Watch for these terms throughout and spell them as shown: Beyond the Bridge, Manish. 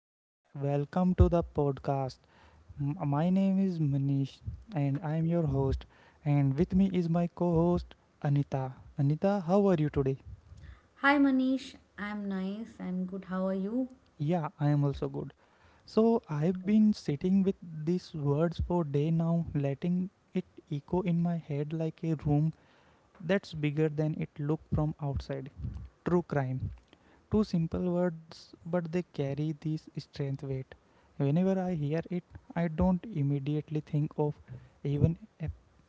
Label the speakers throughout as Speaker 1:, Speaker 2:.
Speaker 1: and welcome to the podcast. My name is Manish and I am your host. And with me is my co host Anita. Anita, how are you today?
Speaker 2: Hi Manish, I'm nice. I'm good. How are you?
Speaker 1: Yeah, I am also good. So I've been sitting with these words for day now, letting it echo in my head like a room that's bigger than it looked from outside. True crime. Two simple words, but they carry this strength weight. Whenever I hear it, I don't immediately think of even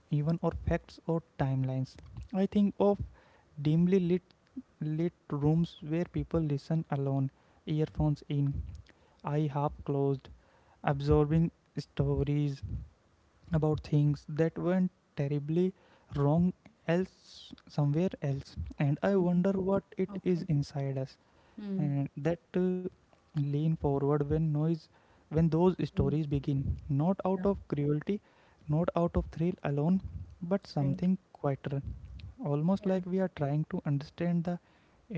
Speaker 1: even or facts or timelines. I think of dimly lit rooms where people listen alone, earphones in, eye half closed, absorbing stories about things that went terribly wrong else somewhere else. And I
Speaker 2: Mm,
Speaker 1: wonder what it is
Speaker 2: okay.
Speaker 1: inside us,
Speaker 2: Hmm.
Speaker 1: and that lean forward when noise, when those
Speaker 2: Mm,
Speaker 1: stories begin, not out
Speaker 2: yeah,
Speaker 1: of cruelty, not out of thrill alone, but
Speaker 2: right.
Speaker 1: something quieter, almost like we are trying to understand the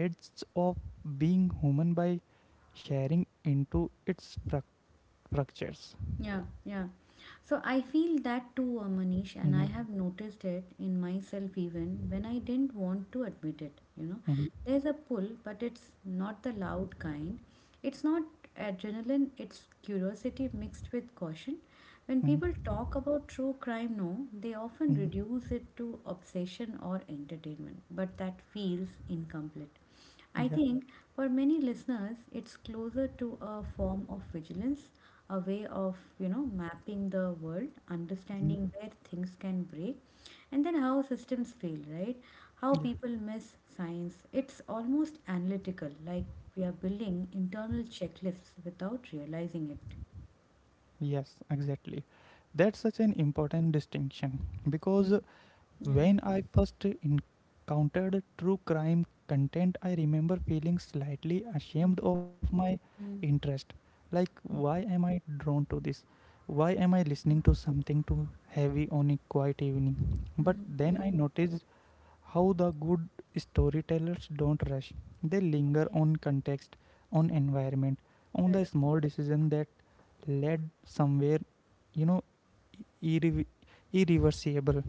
Speaker 1: edges of being human by sharing into its fractures.
Speaker 2: Yeah, yeah. So I feel that too, Manish, and I
Speaker 1: Mhm.
Speaker 2: have noticed it in myself even when I didn't want to admit it. You know,
Speaker 1: Mhm.
Speaker 2: there's a pull, but it's not the loud kind. It's not adrenaline, it's curiosity mixed with caution. When
Speaker 1: Mhm.
Speaker 2: people talk about true crime, no, they often
Speaker 1: Mhm.
Speaker 2: reduce it to obsession or entertainment, but that feels incomplete. I
Speaker 1: Yeah.
Speaker 2: think for many listeners, it's closer to a form of vigilance, a way of, you know, mapping the world, understanding
Speaker 1: Mhm.
Speaker 2: where things can break, and then how systems fail, right? How
Speaker 1: Yeah.
Speaker 2: people miss science. It's almost analytical, like we are building internal checklists without realizing
Speaker 1: Yes, exactly. That's such an important distinction
Speaker 2: it.
Speaker 1: because
Speaker 2: Mm. Yeah.
Speaker 1: when I first encountered true crime content, I remember feeling slightly ashamed of my
Speaker 2: Mm.
Speaker 1: interest. Like, why
Speaker 2: Mm.
Speaker 1: am I drawn to this? Why am I listening to something too heavy on a quiet evening? But
Speaker 2: Mm.
Speaker 1: then I
Speaker 2: Mm.
Speaker 1: noticed how the good storytellers don't rush. They linger
Speaker 2: Okay.
Speaker 1: on context, on environment, on the
Speaker 2: Right.
Speaker 1: small decision that led somewhere, you know, irre- irreversible.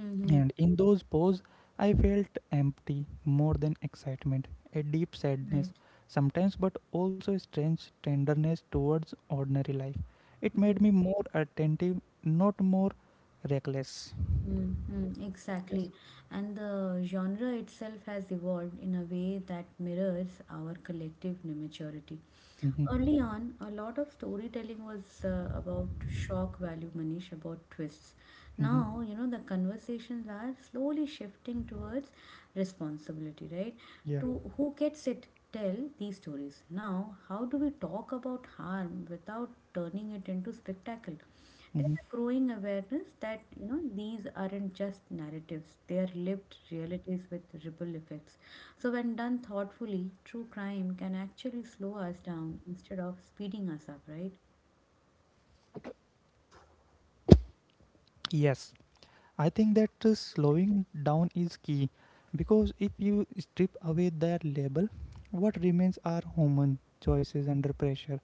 Speaker 2: Mm-hmm.
Speaker 1: And in those poses, I felt empty more than excitement, a deep
Speaker 2: Right.
Speaker 1: sadness sometimes, but also a strange tenderness towards ordinary life. It
Speaker 2: Mm-hmm.
Speaker 1: made me more attentive, not more reckless.
Speaker 2: Mm-hmm, exactly.
Speaker 1: Yes.
Speaker 2: And the genre itself has evolved in a way that mirrors our collective maturity.
Speaker 1: Mm-hmm.
Speaker 2: Early on, a lot of storytelling was about shock value, Manish, about twists.
Speaker 1: Mm-hmm.
Speaker 2: Now, you know, the conversations are slowly shifting towards responsibility, right?
Speaker 1: Yeah.
Speaker 2: To who gets it, tell these stories. Now, how do we talk about harm without turning it into spectacle? There's
Speaker 1: Mm-hmm.
Speaker 2: a growing awareness that, you know, these aren't just narratives, they are lived realities with ripple effects. So when done thoughtfully, true crime can actually slow us down instead of speeding us up, right?
Speaker 1: Yes. I think that slowing down is key because if you strip away that label, what remains are human choices under pressure,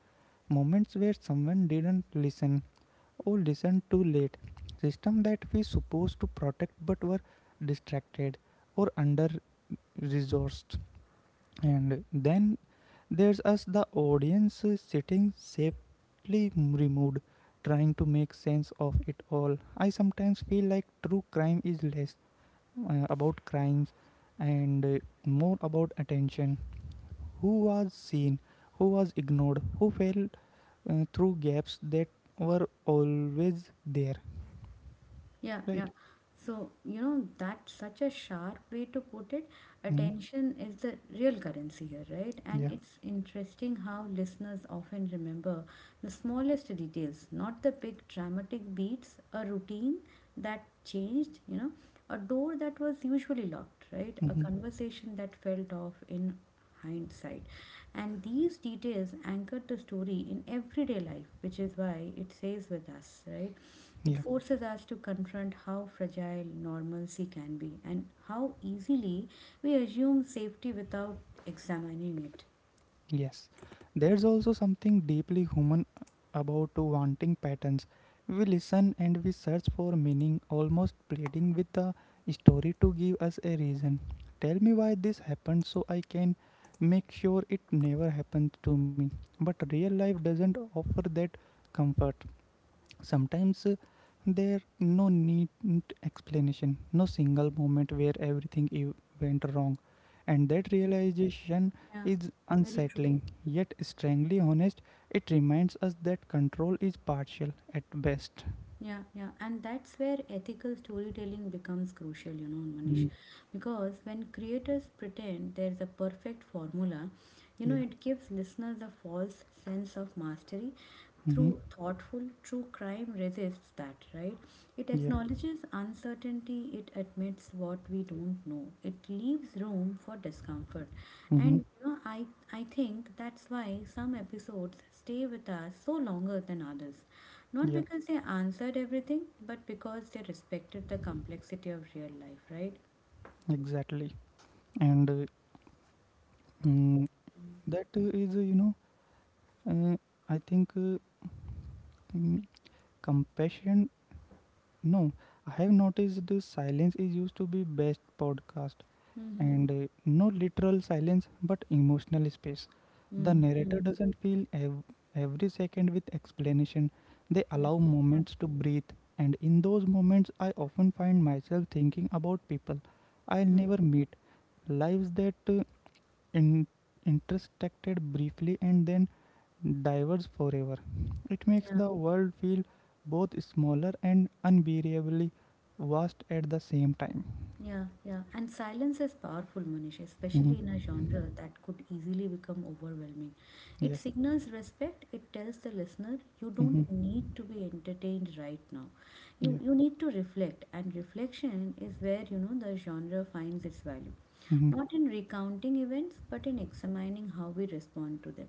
Speaker 1: moments where someone didn't listen. Or listen too late. System that we supposed to protect but were distracted or under resourced. And then there's us, the audience, sitting safely removed, trying to make sense of it all. I sometimes feel like true crime is less about crimes and more about attention. Who was seen, who was ignored, who fell through gaps that were always there.
Speaker 2: Yeah, yeah.
Speaker 1: Right.
Speaker 2: So, you know, that's such a sharp way to put it.
Speaker 1: Hmm.
Speaker 2: Attention is the real currency here, right? And
Speaker 1: Yeah.
Speaker 2: it's interesting how listeners often remember the smallest details, not the big dramatic beats, a routine that changed, you know, a door that was usually locked, right? A
Speaker 1: Hmm.
Speaker 2: conversation that felt off in hindsight. And these details anchor the story in everyday life, which is why it stays with us, right? It
Speaker 1: Yeah.
Speaker 2: forces us to confront how fragile normalcy can be and how easily we assume safety without examining it.
Speaker 1: Yes. There's also something deeply human about wanting patterns. We listen and we search for meaning, almost pleading with the story to give us a reason. Tell me why this happened so I can make sure it never happens to me. But real life doesn't offer that comfort. Sometimes there no neat explanation, no single moment where everything went wrong, and that realization
Speaker 2: Yeah,
Speaker 1: is
Speaker 2: very true.
Speaker 1: unsettling yet strangely honest. It reminds us that control is partial at best.
Speaker 2: Yeah, yeah. And that's where ethical storytelling becomes crucial, you know, Manish.
Speaker 1: Mm.
Speaker 2: Because when creators pretend there's a perfect formula, you know,
Speaker 1: Yeah.
Speaker 2: it gives listeners a false sense of mastery
Speaker 1: Mm-hmm.
Speaker 2: through thoughtful true crime. Resists that, right? It
Speaker 1: Yeah.
Speaker 2: acknowledges uncertainty, it admits what we don't know, it leaves room for discomfort.
Speaker 1: Mm-hmm.
Speaker 2: And you know, I think that's why some episodes stay with us so longer than others, not
Speaker 1: Yeah,
Speaker 2: because they answered everything but because they respected the complexity of real life, right?
Speaker 1: exactly. And mm, that is uh, I think mm, passion. No, I have noticed the silence is used to be best podcast,
Speaker 2: Mm-hmm.
Speaker 1: and no literal silence but emotional space. The
Speaker 2: Mm-hmm.
Speaker 1: narrator doesn't fill every second with explanation. They
Speaker 2: Yeah,
Speaker 1: allow
Speaker 2: yeah.
Speaker 1: moments to breathe, and in those moments I often find myself thinking about people I'll never meet, lives that in- intersected briefly and then diverge forever. It makes
Speaker 2: Mm.
Speaker 1: the world feel both smaller and unbearably vast at the same time.
Speaker 2: Yeah, yeah. And silence is powerful, Manish,
Speaker 1: Mhm.
Speaker 2: especially in a genre that could easily become overwhelming. It
Speaker 1: Yeah.
Speaker 2: signals respect, it tells the listener you don't
Speaker 1: Mhm.
Speaker 2: need to be entertained right now. You
Speaker 1: Yeah.
Speaker 2: you need to reflect, and reflection is where, you know, the genre finds its value.
Speaker 1: Mhm.
Speaker 2: Not in recounting events, but in examining how we respond to them.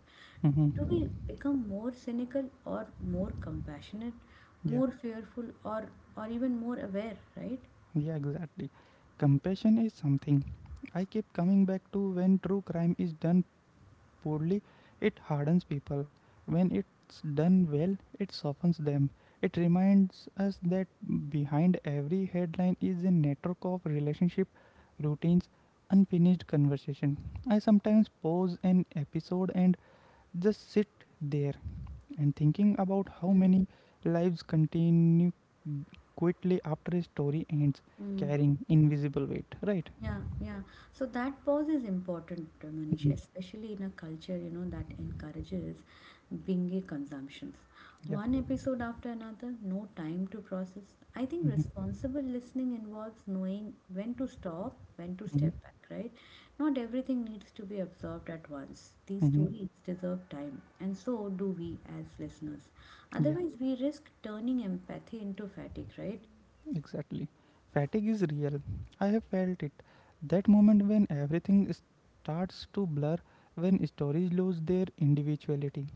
Speaker 2: Do we
Speaker 1: Mhm.
Speaker 2: become more cynical or more compassionate,
Speaker 1: Yeah.
Speaker 2: more fearful or even more aware, right?
Speaker 1: Yeah, exactly. Compassion is something I keep coming back to. When true crime is done poorly, it hardens people. When it's done well, it softens them. It reminds us that behind every headline is a network of relationship, routines, unfinished conversation. I sometimes pause an episode and just sit there and thinking about how
Speaker 2: Mm,
Speaker 1: many lives continue quickly after a story ends,
Speaker 2: mm.
Speaker 1: carrying invisible weight. Right?
Speaker 2: Yeah, yeah. So that pause is important, Manish,
Speaker 1: Mhm.
Speaker 2: especially in a culture, you know, that encourages binge consumptions.
Speaker 1: Yeah.
Speaker 2: One episode after another, no time to process. I think
Speaker 1: Mm-hmm.
Speaker 2: responsible listening involves knowing when to stop, when to
Speaker 1: Mm-hmm. Mm-hmm.
Speaker 2: step back, right? Not everything needs to be absorbed at once. These
Speaker 1: Mm-hmm.
Speaker 2: stories deserve time, and so do we as listeners.
Speaker 1: Yeah.
Speaker 2: Otherwise, we risk turning empathy into fatigue, right?
Speaker 1: Exactly. Fatigue is real. I have felt it. That moment when everything starts to blur, when stories lose their individuality.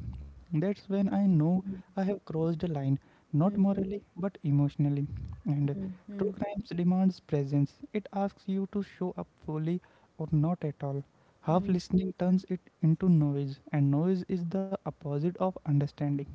Speaker 1: That's when I know I have crossed a line,
Speaker 2: Mm-hmm.
Speaker 1: not
Speaker 2: Mm-hmm.
Speaker 1: morally, but emotionally. And true crimes demands presence. It asks you to show up fully or not at all. Half
Speaker 2: Mm-hmm.
Speaker 1: listening turns it into noise, and noise is the opposite of understanding.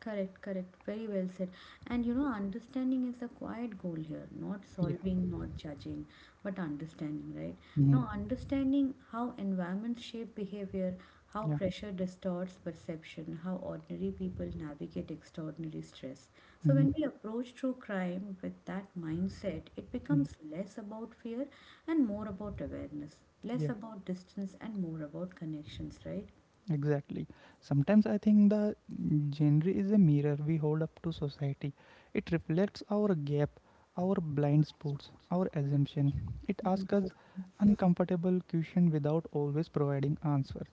Speaker 2: Correct, correct. Very well said. And you know, understanding is the quiet goal here, not
Speaker 1: Yeah.
Speaker 2: solving, not judging, but understanding, right?
Speaker 1: Mhm.
Speaker 2: Now, understanding how environments shape behavior, how
Speaker 1: Yeah.
Speaker 2: pressure distorts perception, how ordinary people navigate extraordinary stress. So,
Speaker 1: Mhm.
Speaker 2: when we approach true crime with that mindset, it
Speaker 1: Mhm.
Speaker 2: becomes less about fear and more about awareness, less
Speaker 1: Yeah.
Speaker 2: about distance and more about connections, right?
Speaker 1: Exactly. Sometimes I think the genre is a mirror we hold up to society. It reflects our gap, our blind spots, our assumption. It
Speaker 2: Mm,
Speaker 1: asks us uncomfortable question without always providing answer.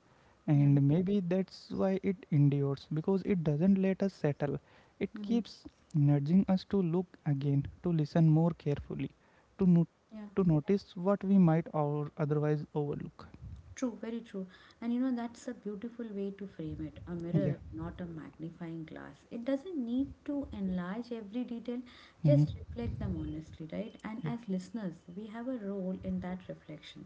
Speaker 2: yeah.
Speaker 1: And maybe that's why it endures, because it doesn't let us settle. It
Speaker 2: Mm,
Speaker 1: keeps nudging us to look again, to listen more carefully, to no-
Speaker 2: yeah.
Speaker 1: to notice what we might or otherwise overlook.
Speaker 2: True, very true. And you know, that's a beautiful way to frame it, a
Speaker 1: Yeah.
Speaker 2: mirror, not a magnifying glass. It doesn't need to enlarge every detail,
Speaker 1: Mhm.
Speaker 2: just reflect them honestly, right? And as listeners, we have a role in that reflection.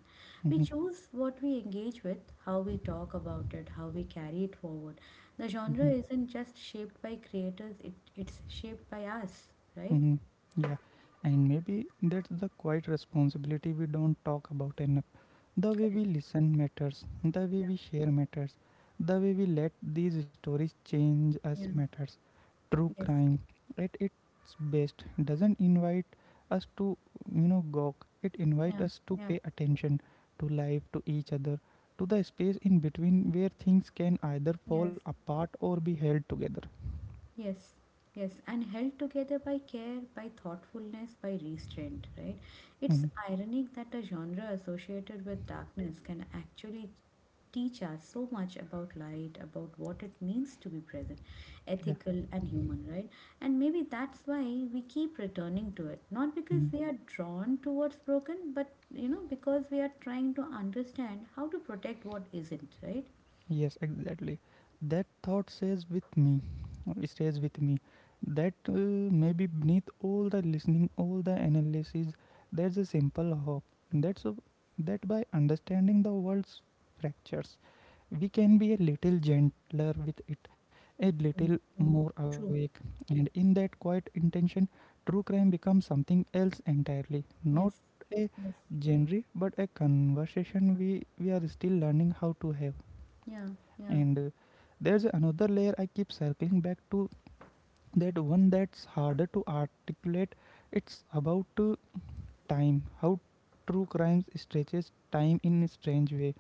Speaker 2: We
Speaker 1: Mm-hmm.
Speaker 2: choose what we engage with, how we talk about it, how we carry it forward. The genre
Speaker 1: Mm-hmm.
Speaker 2: isn't just shaped by creators, it's shaped by us, right?
Speaker 1: Mm-hmm. Yeah, and maybe that's the quiet responsibility we don't talk about enough. The way
Speaker 2: Correct.
Speaker 1: we listen matters, the way
Speaker 2: Yeah,
Speaker 1: we share matters, the way we let these stories change us
Speaker 2: yeah,
Speaker 1: matters. True
Speaker 2: yes,
Speaker 1: crime, at its best, doesn't invite us to, gawk. It invites
Speaker 2: yeah,
Speaker 1: us to
Speaker 2: yeah,
Speaker 1: pay attention to life, to each other, to the space in between where things can either fall
Speaker 2: yes.
Speaker 1: apart or be held together.
Speaker 2: Yes, yes, and held together by care, by thoughtfulness, by restraint, right? It's
Speaker 1: Mm-hmm.
Speaker 2: ironic that a genre associated with darkness can actually teach us so much about light, about what it means to be present,
Speaker 1: Yeah.
Speaker 2: ethical and human, right? And maybe that's why we keep returning to it, not because
Speaker 1: Mm-hmm.
Speaker 2: we are drawn towards broken, but you know, because we are trying to understand how to protect what isn't, right?
Speaker 1: Yes, exactly. That thought says with me, stays with me. That maybe beneath all the listening, all the analysis, there's a simple hope. That's a, that by understanding the world's fractures, we can be a little gentler with it, a
Speaker 2: Mm,
Speaker 1: little
Speaker 2: mm.
Speaker 1: more awake,
Speaker 2: True.
Speaker 1: and in that quiet intention, true crime becomes something else entirely. Not
Speaker 2: Yes.
Speaker 1: a
Speaker 2: Yes.
Speaker 1: genre, but a conversation we are still learning how to have.
Speaker 2: Yeah. Yeah.
Speaker 1: And there's another layer I keep circling back to, that one that's harder to articulate. It's about time, how true crime stretches time in a strange way.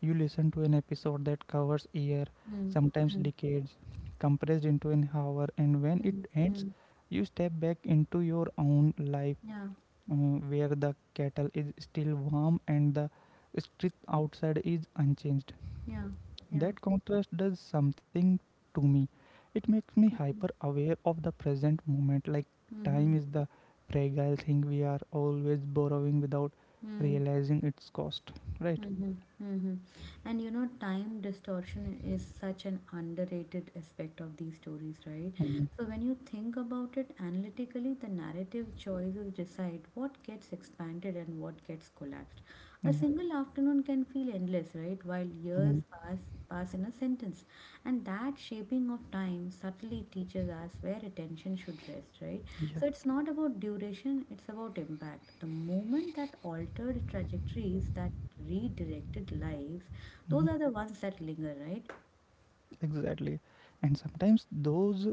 Speaker 1: You listen to an episode that covers year,
Speaker 2: Mm,
Speaker 1: sometimes
Speaker 2: mm,
Speaker 1: decades, compressed into an hour, and when it
Speaker 2: mm, mm.
Speaker 1: ends
Speaker 2: Mm.
Speaker 1: you step back into your own life,
Speaker 2: Yeah,
Speaker 1: where the kettle is still warm and the street outside is unchanged.
Speaker 2: yeah, yeah.
Speaker 1: That contrast does something to me. It makes me hyper
Speaker 2: Mm,
Speaker 1: aware of the present moment, like time
Speaker 2: mhm,
Speaker 1: is the fragile thing we are always borrowing without
Speaker 2: mm.
Speaker 1: realizing its cost, right?
Speaker 2: Mm-hmm, mm-hmm. And you know, time distortion is such an underrated aspect of these stories, right?
Speaker 1: Mhm.
Speaker 2: So when you think about it analytically, the narrative choices decide what gets expanded and what gets collapsed. A
Speaker 1: Yeah.
Speaker 2: single afternoon can feel endless, right? While years
Speaker 1: Mhm.
Speaker 2: pass in a sentence. And that shaping of time subtly teaches us where attention should rest, right? So
Speaker 1: Yeah.
Speaker 2: it's not about duration, it's about impact. The moment that altered trajectories, that redirected lives, those are
Speaker 1: Mhm.
Speaker 2: the ones that linger, right?
Speaker 1: Exactly. And sometimes those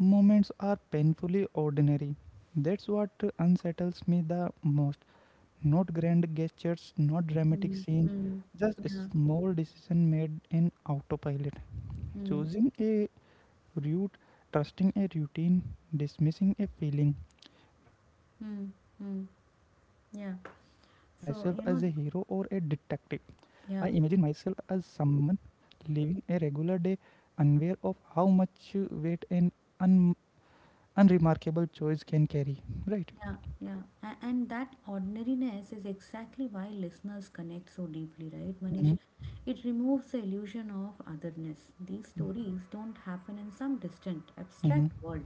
Speaker 1: moments are painfully ordinary. That's what unsettles me the most. Not grand gestures, not dramatic
Speaker 2: Mm,
Speaker 1: scene,
Speaker 2: mm,
Speaker 1: just a
Speaker 2: yeah,
Speaker 1: small decision made in autopilot.
Speaker 2: mm,
Speaker 1: Choosing a route, trusting a routine, dismissing a feeling. When I listen,
Speaker 2: mm,
Speaker 1: I don't
Speaker 2: mm.
Speaker 1: imagine myself
Speaker 2: Yeah.
Speaker 1: as a hero or a
Speaker 2: So, you know,
Speaker 1: detective. I imagine myself
Speaker 2: yeah.
Speaker 1: as someone living a regular day, unaware of how much weight an un- unremarkable choice can carry. Right?
Speaker 2: Yeah, yeah. And that ordinariness is exactly why listeners connect so deeply, right, Manish?
Speaker 1: Mm-hmm.
Speaker 2: It removes the illusion of otherness. These stories don't happen in some distant,
Speaker 1: Mm-hmm.
Speaker 2: abstract
Speaker 1: Mm-hmm.
Speaker 2: world.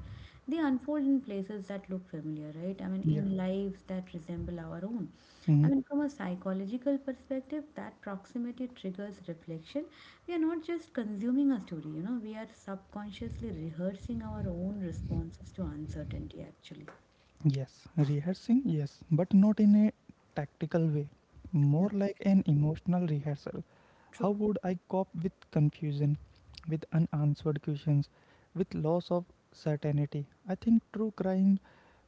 Speaker 2: They unfold in places that look familiar, right? I mean,
Speaker 1: Yeah.
Speaker 2: in lives that resemble our own. I
Speaker 1: Mm-hmm.
Speaker 2: mean, from a psychological perspective, that proximity triggers reflection. We are not just consuming a story, you know, we are subconsciously rehearsing our own responses to uncertainty, actually.
Speaker 1: Yes, rehearsing, yes, but not in a tactical way,
Speaker 2: Yeah.
Speaker 1: more like an emotional rehearsal.
Speaker 2: True.
Speaker 1: How would I cope with confusion, with unanswered questions, with loss of certainty? I think true crime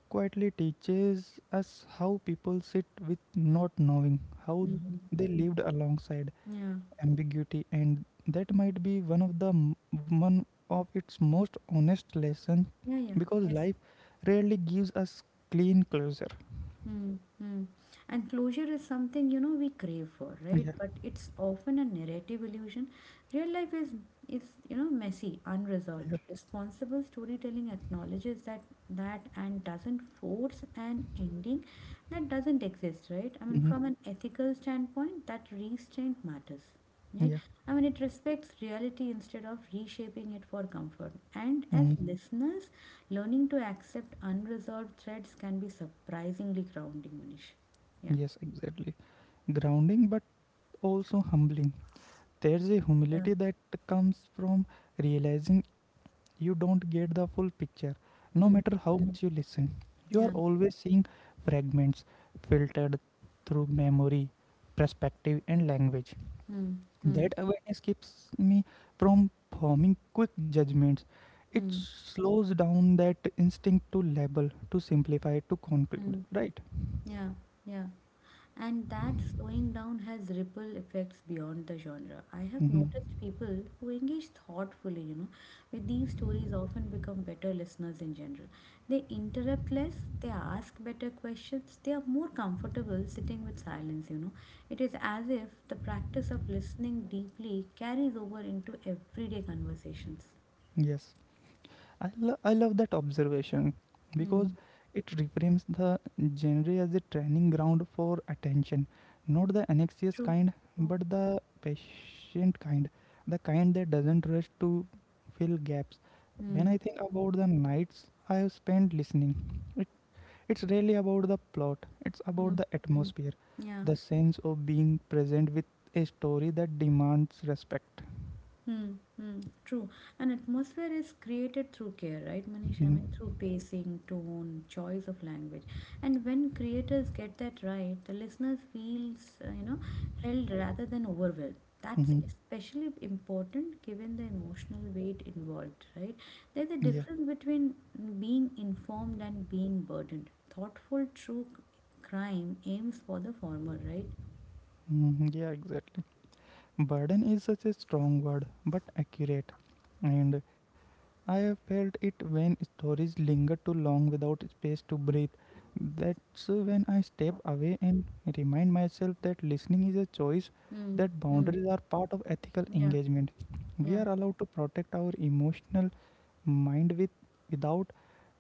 Speaker 1: quietly teaches us how people sit with not knowing, how
Speaker 2: Mm.
Speaker 1: they lived alongside,
Speaker 2: Yeah.
Speaker 1: ambiguity, and that might be one of its most honest lessons,
Speaker 2: Yeah, yeah.
Speaker 1: because
Speaker 2: Yes.
Speaker 1: life rarely gives us clean closure.
Speaker 2: Hmm. Hmm. And closure is something, you know, we crave for, right?
Speaker 1: Yeah.
Speaker 2: But it's often a narrative illusion. Real life is, you know, messy,
Speaker 1: Yeah.
Speaker 2: unresolved. Responsible storytelling acknowledges that and doesn't force an ending that doesn't exist, right? I mean,
Speaker 1: Hmm.
Speaker 2: from an ethical standpoint, that restraint matters. Right?
Speaker 1: Yeah.
Speaker 2: I mean, it respects reality instead of reshaping it for comfort. And
Speaker 1: Hmm.
Speaker 2: as listeners, learning to accept unresolved threads can be surprisingly grounding, Manish. Yeah.
Speaker 1: Yes, exactly. Grounding, but also humbling. There's a
Speaker 2: Yeah.
Speaker 1: humility that comes from realizing you don't get the full picture, no
Speaker 2: Mm.
Speaker 1: matter how much
Speaker 2: Mm.
Speaker 1: you listen. You are
Speaker 2: Yeah.
Speaker 1: always seeing fragments filtered through memory, perspective, and language.
Speaker 2: Mm. Mm.
Speaker 1: That awareness keeps me from forming quick judgments. It
Speaker 2: Mm.
Speaker 1: slows down that instinct to label, to simplify, to conclude,
Speaker 2: Mm.
Speaker 1: right?
Speaker 2: Yeah. Yeah. And that slowing down has ripple effects beyond the genre. I have
Speaker 1: Hmm.
Speaker 2: noticed people who engage thoughtfully, you know, with these stories often become better listeners in general. They interrupt less, they ask better questions, they are more comfortable sitting with silence, you know. It is as if the practice of listening deeply carries over into everyday conversations.
Speaker 1: Yes. I love that observation because
Speaker 2: Hmm.
Speaker 1: it reframes the genre as a training ground for attention, not the anxious
Speaker 2: True.
Speaker 1: kind,
Speaker 2: True.
Speaker 1: but the patient kind, the kind that doesn't rush to fill gaps. When
Speaker 2: Hmm.
Speaker 1: I think
Speaker 2: Hmm.
Speaker 1: about the nights I have spent listening, it's really about the plot, it's about
Speaker 2: Hmm.
Speaker 1: the
Speaker 2: Hmm.
Speaker 1: atmosphere,
Speaker 2: Yeah.
Speaker 1: the sense of being present with a story that demands respect.
Speaker 2: Hmm, hmm, true. And atmosphere is created through care, right, Manish?
Speaker 1: Mhm.
Speaker 2: I mean, through pacing, tone, choice of language. And when creators get that right, the listeners feels, you know, held rather than overwhelmed. That's
Speaker 1: Mhm.
Speaker 2: especially important given the emotional weight involved, right? There's
Speaker 1: Yeah.
Speaker 2: a difference between being informed and being burdened. Thoughtful, crime aims for the former, right?
Speaker 1: Mhm. Yeah, exactly. Burden is such a strong word, but accurate. And I have felt it when stories linger too long without space to breathe. That's when I step away and remind myself that listening is a choice,
Speaker 2: Hmm,
Speaker 1: that
Speaker 2: hmm,
Speaker 1: boundaries are part of ethical
Speaker 2: yeah,
Speaker 1: engagement. We
Speaker 2: yeah.
Speaker 1: are allowed to protect our emotional mind without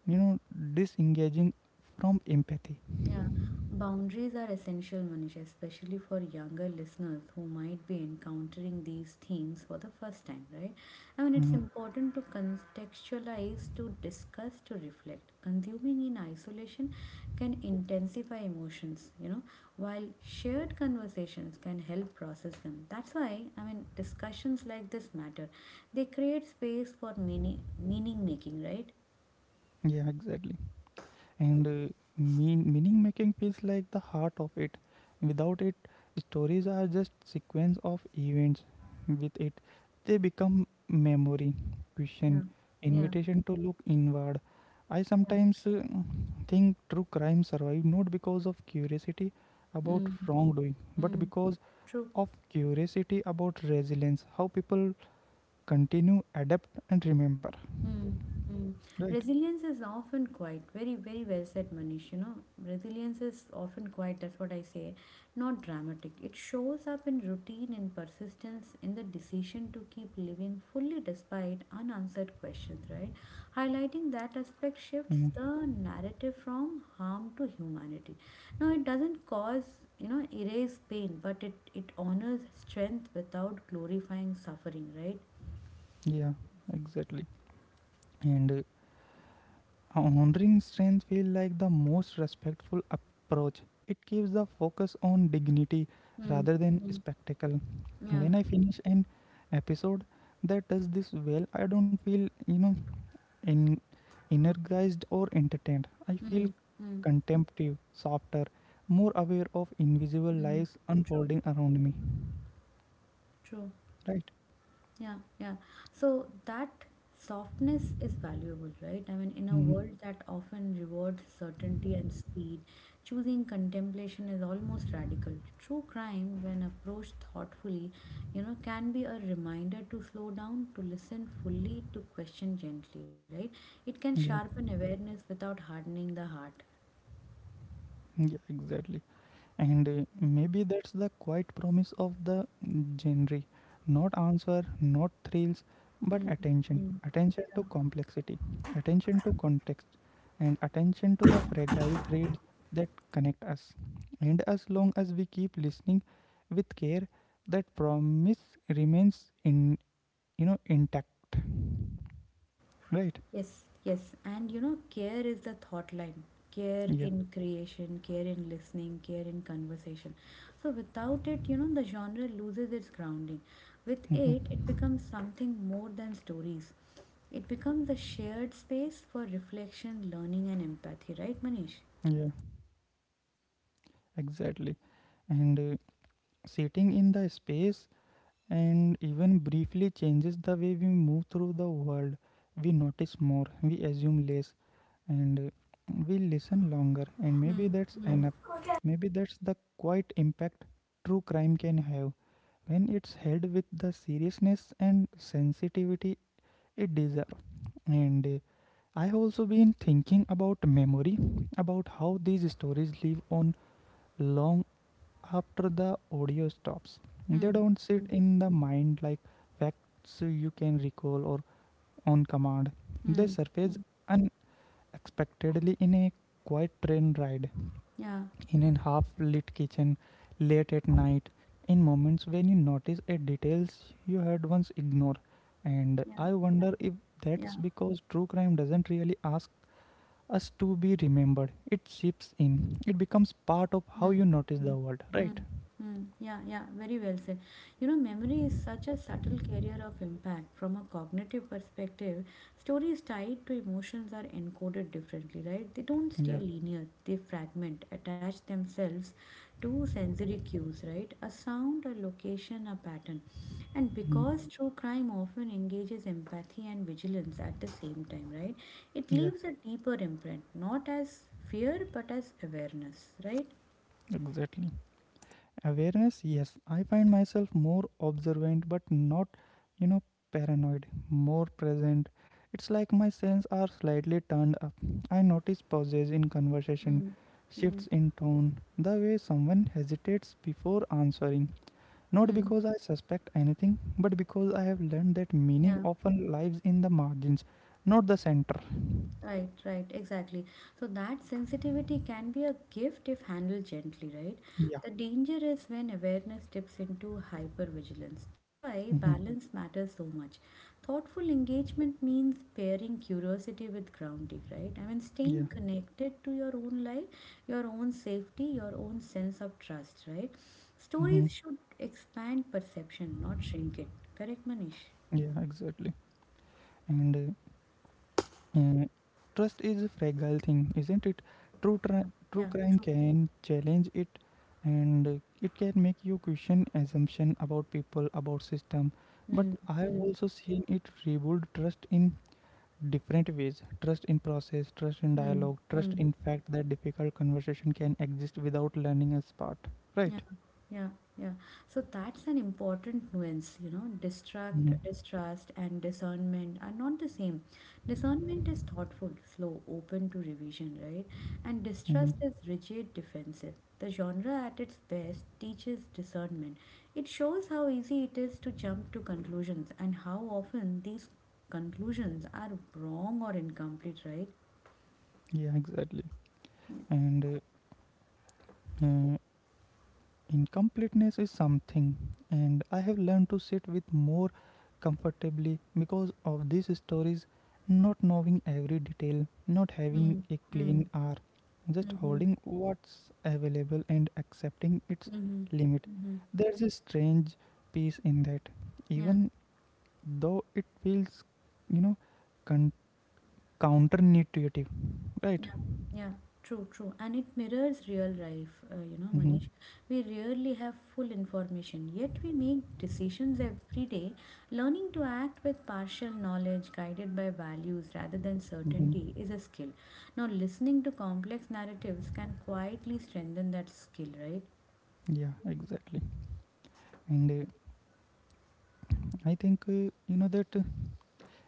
Speaker 1: you know disengaging from empathy.
Speaker 2: Yeah, boundaries are essential, Manish, especially for younger listeners who might be encountering these themes for the first time, right? I mean, it's
Speaker 1: Mm.
Speaker 2: important to contextualize, to discuss, to reflect. Consuming in isolation can intensify emotions, you know, while shared conversations can help process them. That's why, I mean, discussions like this matter. They create space for meaning, meaning making, right?
Speaker 1: Yeah, exactly. And meaning making feels like the heart of it. Without it, stories are just sequence of events. With it, they become memory,
Speaker 2: Yeah,
Speaker 1: question,
Speaker 2: yeah,
Speaker 1: invitation to look inward. I
Speaker 2: yeah.
Speaker 1: sometimes think true crime survive not because of curiosity about
Speaker 2: Mm,
Speaker 1: wrongdoing, but
Speaker 2: mm,
Speaker 1: because
Speaker 2: true.
Speaker 1: of curiosity about resilience, how people continue adapt and remember,
Speaker 2: Hmm. Hmm.
Speaker 1: right?
Speaker 2: Resilience is often quiet. Very, very well said, Manish. You know,
Speaker 1: Hmm.
Speaker 2: resilience is often quiet. That's what I say. Not dramatic. It shows up in routine and persistence in the decision to keep living fully despite unanswered questions, right? Highlighting that aspect shifts
Speaker 1: Hmm.
Speaker 2: the narrative from harm to humanity. Now, it doesn't cause, you know, erase pain, but it honors strength without glorifying suffering, right?
Speaker 1: Yeah, exactly. And honoring strength feel like the most respectful approach. It keeps the focus on dignity
Speaker 2: Hmm.
Speaker 1: rather than
Speaker 2: Hmm.
Speaker 1: spectacle.
Speaker 2: Yeah.
Speaker 1: When I finish an episode that does this well, I don't feel, you know in energized or entertained. I feel
Speaker 2: Mm, mm,
Speaker 1: contemplative, softer, more aware of invisible
Speaker 2: mm.
Speaker 1: lives
Speaker 2: True,
Speaker 1: unfolding around me,
Speaker 2: true.
Speaker 1: right?
Speaker 2: Yeah, yeah. So that softness is valuable, right? I mean, in a world
Speaker 1: Mhm.
Speaker 2: that often rewards certainty and speed, choosing contemplation is almost radical. True crime, when approached thoughtfully, you know, can be a reminder to slow down, to listen fully, to question gently, right? It can
Speaker 1: Yeah.
Speaker 2: sharpen awareness without hardening the heart.
Speaker 1: Yeah, exactly. And
Speaker 2: Mm,
Speaker 1: maybe that's the quiet promise of the genre. Not answer, not thrills, but attention.
Speaker 2: mm.
Speaker 1: Attention to complexity, attention to context, and attention to the fragile threads that connect us. And as long as we keep listening with care, that promise remains in you know intact. Right?
Speaker 2: Yes, yes. And you know, care is the thought line. Care
Speaker 1: Yeah.
Speaker 2: in creation, care in listening, care in conversation. So without it, you know, the genre loses its grounding. With it,
Speaker 1: Hmm.
Speaker 2: it becomes something more than stories. It becomes a shared space for reflection, learning, and empathy, right, Manish?
Speaker 1: Yeah. Exactly, and sitting in the space and even briefly changes the way we move through the world. We notice more, we assume less, and we listen longer. And maybe
Speaker 2: Hmm.
Speaker 1: that's enough. Maybe that's the quiet impact true crime can have, when it's held with the seriousness and sensitivity it deserves. And I have also been thinking about memory, about how these stories live on long after the audio stops. They
Speaker 2: Hmm.
Speaker 1: don't sit in the mind like facts you can recall or on command. They
Speaker 2: Hmm.
Speaker 1: surface unexpectedly in a quiet train ride,
Speaker 2: Yeah.
Speaker 1: in a half lit kitchen, late at night, in moments when you notice a details you had once ignored. And I wonder if
Speaker 2: Yeah.
Speaker 1: that's because true crime doesn't really ask us to be remembered. It seeps in. It becomes part of how
Speaker 2: Mm,
Speaker 1: you notice
Speaker 2: mm,
Speaker 1: the world,
Speaker 2: mm,
Speaker 1: right?
Speaker 2: mm. Yeah, yeah, very well said. You know, memory is such a subtle carrier of impact. From a cognitive perspective, stories tied to emotions are encoded differently, right? They don't stay
Speaker 1: Yeah.
Speaker 2: linear, they fragment, attach themselves to sensory cues, right? A sound, a location, a pattern. And
Speaker 1: Mm.
Speaker 2: because true crime often engages empathy and vigilance at the same time, right? It
Speaker 1: Yeah.
Speaker 2: leaves a deeper imprint, not as fear but as awareness, right?
Speaker 1: Exactly. Awareness, yes. I find myself more observant but not, you know, paranoid, more present. It's like my senses are slightly turned up. I notice pauses in conversation,
Speaker 2: Mm,
Speaker 1: shifts
Speaker 2: mm,
Speaker 1: in tone, the way someone hesitates before answering. Not
Speaker 2: mm.
Speaker 1: because I suspect anything, but because I have learned that meaning
Speaker 2: Yeah,
Speaker 1: often lies in the margins, not the center.
Speaker 2: right, right, exactly. So that sensitivity can be a gift if handled gently, right?
Speaker 1: Yeah.
Speaker 2: The danger is when awareness dips into hypervigilance. That's why
Speaker 1: Hmm.
Speaker 2: balance matters so much. Thoughtful engagement means pairing curiosity with grounding, right? I mean,
Speaker 1: Yeah.
Speaker 2: staying connected to your own life, your own safety, your own sense of trust, right?
Speaker 1: Hmm.
Speaker 2: Stories should expand perception, not shrink it. Correct, Manish?
Speaker 1: Yeah, exactly. And Uh, Trust is a fragile thing, isn't it? True, tri-
Speaker 2: Yeah,
Speaker 1: True
Speaker 2: yeah,
Speaker 1: crime
Speaker 2: true.
Speaker 1: can challenge it, and it can make you question assumption about people, about system. But
Speaker 2: Mm,
Speaker 1: I've
Speaker 2: mm,
Speaker 1: also seen it rebuild trust in different ways: trust in process, trust in
Speaker 2: mm,
Speaker 1: dialogue, trust
Speaker 2: mm.
Speaker 1: in fact that difficult conversation can exist without learning a part.
Speaker 2: Yeah,
Speaker 1: Right?
Speaker 2: yeah, yeah. So that's an important nuance, you know. Distract,
Speaker 1: Mm-hmm.
Speaker 2: distrust, and discernment are not the same. Discernment is thoughtful, slow, open to revision, right? And distrust is rigid, defensive. The genre at its best teaches discernment. It shows how easy it is to jump to conclusions and how often these conclusions are wrong or incomplete, right?
Speaker 1: Yeah, exactly.
Speaker 2: Mm,
Speaker 1: And uh, Incompleteness is something, and I have learned to sit with more comfortably because of these stories. Not knowing every detail, not having a clean
Speaker 2: mm,
Speaker 1: arc, just
Speaker 2: mm-hmm.
Speaker 1: holding what's available and accepting its
Speaker 2: Mm-hmm.
Speaker 1: limit.
Speaker 2: Mm-hmm.
Speaker 1: There's a strange peace in that,
Speaker 2: Yeah,
Speaker 1: even though it feels, you know, con- counterintuitive, right?
Speaker 2: yeah, yeah. True, true. And it mirrors real life, you know,
Speaker 1: Mm-hmm.
Speaker 2: Manish. We rarely have full information, yet we make decisions every day, learning to act with partial knowledge guided by values rather than
Speaker 1: Mm-hmm.
Speaker 2: certainty is a skill. Now, listening to complex narratives can quietly strengthen that skill, right?
Speaker 1: Yeah, exactly. And I think you know that.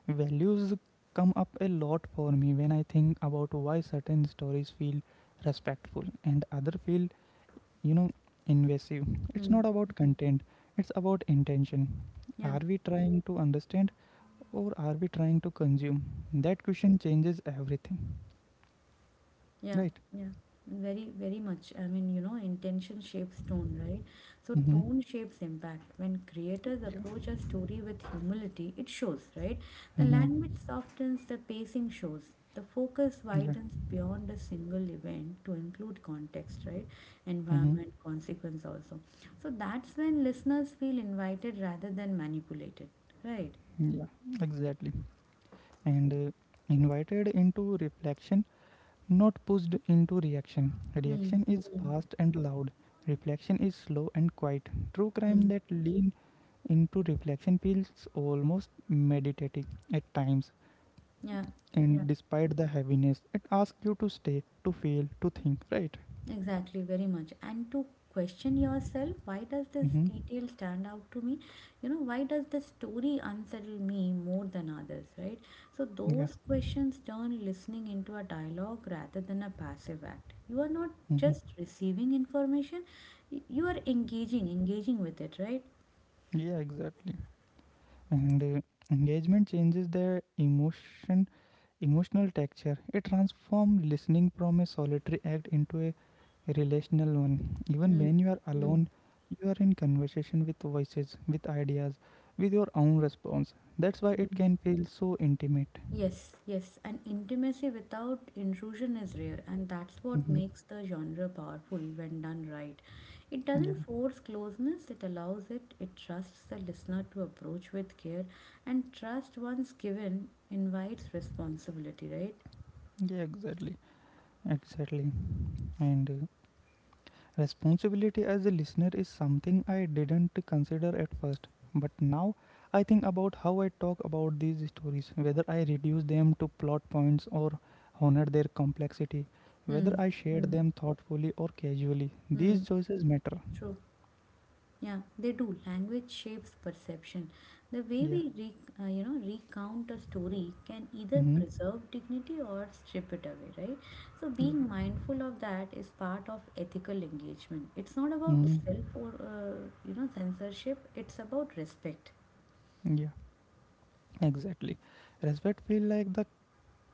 Speaker 1: Values come up a lot for me when I think about why certain stories feel respectful and other feel, you know, invasive. It's not about
Speaker 2: Mm-hmm.
Speaker 1: content, it's about intention.
Speaker 2: Yeah.
Speaker 1: Are we trying to understand or are we trying to consume? That question changes everything,
Speaker 2: Yeah,
Speaker 1: right?
Speaker 2: yeah, very, very much. I mean, you know, intention shapes tone, right? So,
Speaker 1: Mm-hmm.
Speaker 2: tone shapes impact. When creators
Speaker 1: Yeah.
Speaker 2: approach a story with humility, it shows, right? The language
Speaker 1: Mm-hmm.
Speaker 2: softens, the pacing shows, the focus
Speaker 1: Yeah.
Speaker 2: widens beyond a single event to include context, right?
Speaker 1: Mm-hmm.
Speaker 2: Environment, consequence also. So, that's when listeners feel invited rather than manipulated, right?
Speaker 1: Yeah, exactly. And Invited into reflection, not pushed into reaction.
Speaker 2: Mm,
Speaker 1: Reaction is
Speaker 2: mm,
Speaker 1: fast and loud. Reflection is slow and quiet. True crime
Speaker 2: mm.
Speaker 1: that lean into reflection feels almost meditative at times,
Speaker 2: Yeah, yeah.
Speaker 1: and despite the heaviness, it asks you to stay, to feel, to think. Right?
Speaker 2: Exactly, very much. And to question yourself, why does this
Speaker 1: Mm-hmm.
Speaker 2: detail stand out to me? You know, why does the story unsettle me more than others, right? So,
Speaker 1: Yeah.
Speaker 2: those questions turn listening into a dialogue rather than a passive act. You are not
Speaker 1: Mm-hmm.
Speaker 2: just receiving information, you are engaging with it, right?
Speaker 1: Yeah. Exactly. And Engagement changes the emotion. Emotional texture. It transforms listening from a solitary act into a relational one. Even when you are
Speaker 2: Mm.
Speaker 1: alone, you are in conversation with voices, with ideas, with your own response. That's why it can feel so intimate.
Speaker 2: Yes, yes, and intimacy without intrusion is rare, and that's what
Speaker 1: Mhm.
Speaker 2: makes the genre powerful when done right. It
Speaker 1: Yeah,
Speaker 2: doesn't force closeness, it allows it, it trusts the listener to approach with care, and trust once given invites responsibility, right?
Speaker 1: yeah, exactly, exactly. And Responsibility as a listener is something I didn't consider at first, but now I think about how I talk about these stories, whether I reduce them to plot points or honor their complexity, whether
Speaker 2: Hmm.
Speaker 1: I share
Speaker 2: Hmm.
Speaker 1: them thoughtfully or casually. These
Speaker 2: Hmm.
Speaker 1: choices matter.
Speaker 2: Yeah, they do. Language shapes perception. The way
Speaker 1: Yeah.
Speaker 2: you know recount a story can either
Speaker 1: Hmm.
Speaker 2: preserve dignity or strip it away, right? So
Speaker 1: Yeah.
Speaker 2: being mindful of that is part of ethical engagement. It's not about
Speaker 1: Hmm.
Speaker 2: self or you know censorship. It's about respect.
Speaker 1: Yeah. Exactly. Respect feel like the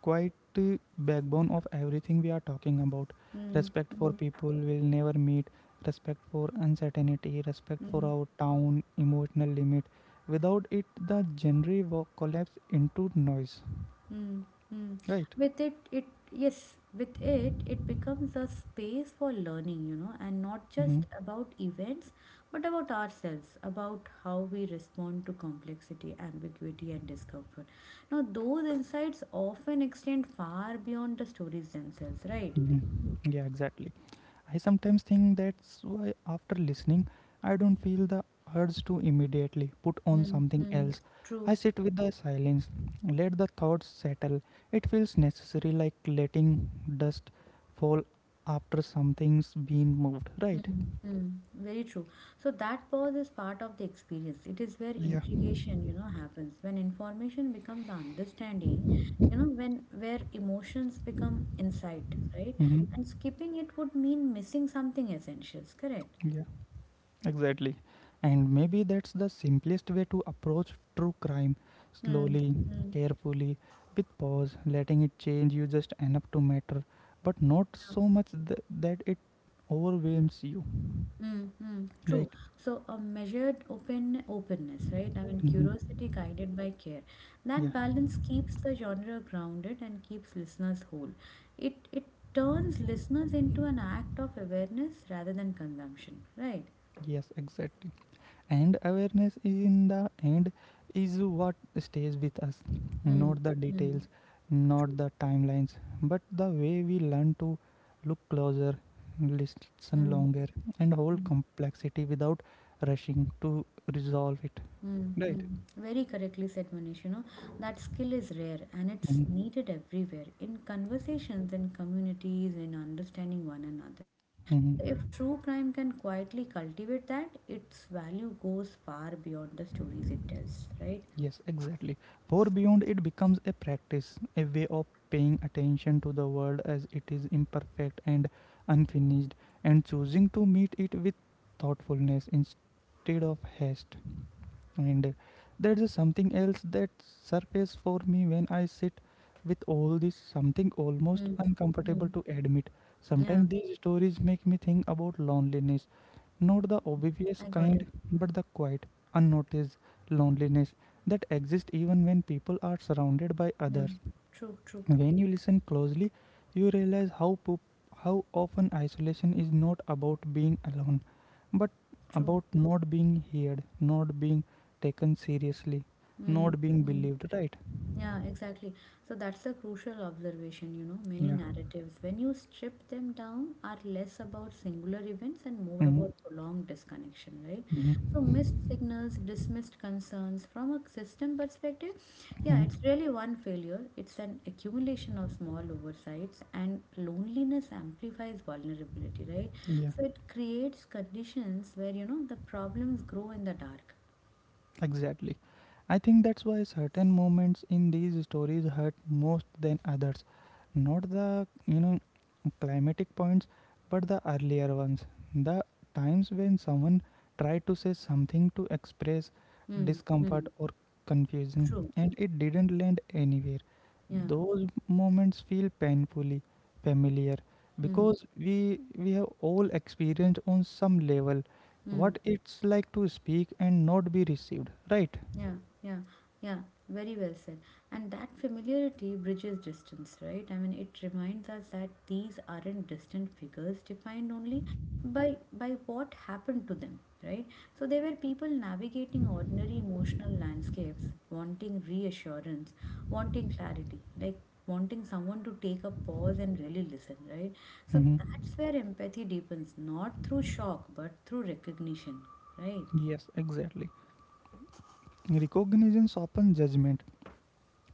Speaker 1: quite backbone of everything we are talking about,
Speaker 2: Mm,
Speaker 1: respect for
Speaker 2: mm,
Speaker 1: people will never meet, respect for uncertainty, respect for
Speaker 2: mm.
Speaker 1: our town emotional limit. Without it the genre will collapse into noise,
Speaker 2: Hmm. Hmm.
Speaker 1: right?
Speaker 2: With it, it yes, with it, it becomes a space for learning, you know, and not
Speaker 1: Hmm.
Speaker 2: just about events, but about ourselves, about how we respond to complexity, ambiguity, and discomfort. Now, those insights often extend far beyond the stories themselves, right?
Speaker 1: Mm-hmm. Yeah, exactly. I sometimes think that's why, after listening, I don't feel the urge to immediately put on something
Speaker 2: Mm-hmm.
Speaker 1: else.
Speaker 2: True.
Speaker 1: I sit with the silence, let the thoughts settle. It feels necessary, like letting dust fall after something's been moved, right?
Speaker 2: Mm, mm, very true. So that pause is part of the experience. It is where
Speaker 1: Yeah.
Speaker 2: integration, you know, happens. When information becomes understanding, you know, when where emotions become insight, right?
Speaker 1: Mm-hmm.
Speaker 2: And skipping it would mean missing something essential, correct?
Speaker 1: Yeah. Exactly. And maybe that's the simplest way to approach true crime
Speaker 2: Mm,
Speaker 1: slowly,
Speaker 2: mm.
Speaker 1: carefully, with pause, letting it change you just enough to matter, but not so much that it overwhelms you,
Speaker 2: Mm-hmm, true.
Speaker 1: right?
Speaker 2: So a measured openness, right? I mean
Speaker 1: Mhm.
Speaker 2: curiosity guided by care. That
Speaker 1: Yeah,
Speaker 2: balance keeps the genre grounded and keeps listeners whole. It turns listeners into an act of awareness rather than consumption, right?
Speaker 1: yes, exactly. And awareness in the end is what stays with us, not the
Speaker 2: Mm-hmm.
Speaker 1: details, not
Speaker 2: True.
Speaker 1: the timelines, but the way we learn to look closer, listen
Speaker 2: Mm-hmm.
Speaker 1: longer, and hold complexity without rushing to resolve it, right?
Speaker 2: Mm-hmm. Very correctly said, Manish. You know, that skill is rare and it's
Speaker 1: Mhm.
Speaker 2: needed everywhere in conversations, in communities, in understanding one another, right? So, if
Speaker 1: Mhm.
Speaker 2: true crime can quietly cultivate that, its value goes far beyond the stories it tells, right?
Speaker 1: Yes, exactly, for beyond it becomes a practice, a way of paying attention to the world as it is imperfect and unfinished, and choosing to meet it with thoughtfulness instead of haste. And there's something else that surfaces for me when I sit with all this, something almost
Speaker 2: Mm-hmm.
Speaker 1: uncomfortable to admit.
Speaker 2: Yeah,
Speaker 1: Sometimes these stories make me think about loneliness, not the obvious
Speaker 2: I got it.
Speaker 1: kind, but the quiet, unnoticed loneliness that exists even when people are surrounded by
Speaker 2: Yeah,
Speaker 1: others.
Speaker 2: true, true,
Speaker 1: When you listen closely, you realize how often isolation is not about being alone, but
Speaker 2: true.
Speaker 1: about not being heard, not being taken seriously, not being
Speaker 2: Mm-hmm.
Speaker 1: believed. Right?
Speaker 2: Yeah, exactly. So that's a crucial observation, you know. Many
Speaker 1: Yeah.
Speaker 2: narratives, when you strip them down, are less about singular events and more
Speaker 1: Hmm.
Speaker 2: about prolonged disconnection, right? So
Speaker 1: Hmm.
Speaker 2: missed signals, dismissed concerns from a system perspective, yeah, it's
Speaker 1: Hmm.
Speaker 2: really one failure. It's an accumulation of small oversights, and loneliness amplifies vulnerability, right?
Speaker 1: Yeah.
Speaker 2: So it creates conditions where, you know, the problems grow in the dark.
Speaker 1: Exactly. I think that's why certain moments in these stories hurt most than others. Not the, you know, climatic points, but the earlier ones. The times when someone tried to say something, to express
Speaker 2: Mm,
Speaker 1: discomfort
Speaker 2: mm,
Speaker 1: or confusion,
Speaker 2: true.
Speaker 1: and it didn't land anywhere.
Speaker 2: Yeah.
Speaker 1: Those moments feel painfully familiar
Speaker 2: Mm.
Speaker 1: because we have all experienced on some level
Speaker 2: Mm.
Speaker 1: what it's like to speak and not be received, right?
Speaker 2: Yeah, yeah, yeah. Very well said. And that familiarity bridges distance, right? I mean, it reminds us that these aren't distant figures defined only by what happened to them, right? So they were people navigating ordinary emotional landscapes, wanting reassurance, wanting clarity, like wanting someone to take a pause and really listen, right? So
Speaker 1: Mhm.
Speaker 2: that's where empathy deepens, not through shock, but through recognition, right?
Speaker 1: Yes, exactly. Recognition softens judgment.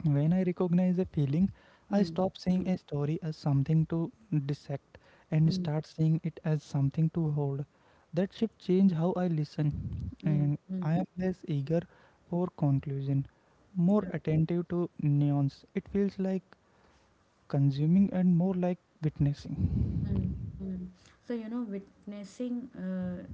Speaker 1: When I recognize a feeling, I
Speaker 2: Mm,
Speaker 1: stop seeing
Speaker 2: mm,
Speaker 1: a story as something to dissect and
Speaker 2: mm.
Speaker 1: start seeing it as something to hold. That shift changed how I listen,
Speaker 2: Mm,
Speaker 1: and
Speaker 2: mm,
Speaker 1: I am less eager for conclusion, more attentive to nuance. It feels like consuming and more like witnessing.
Speaker 2: mm, mm. So, you know, witnessing uh,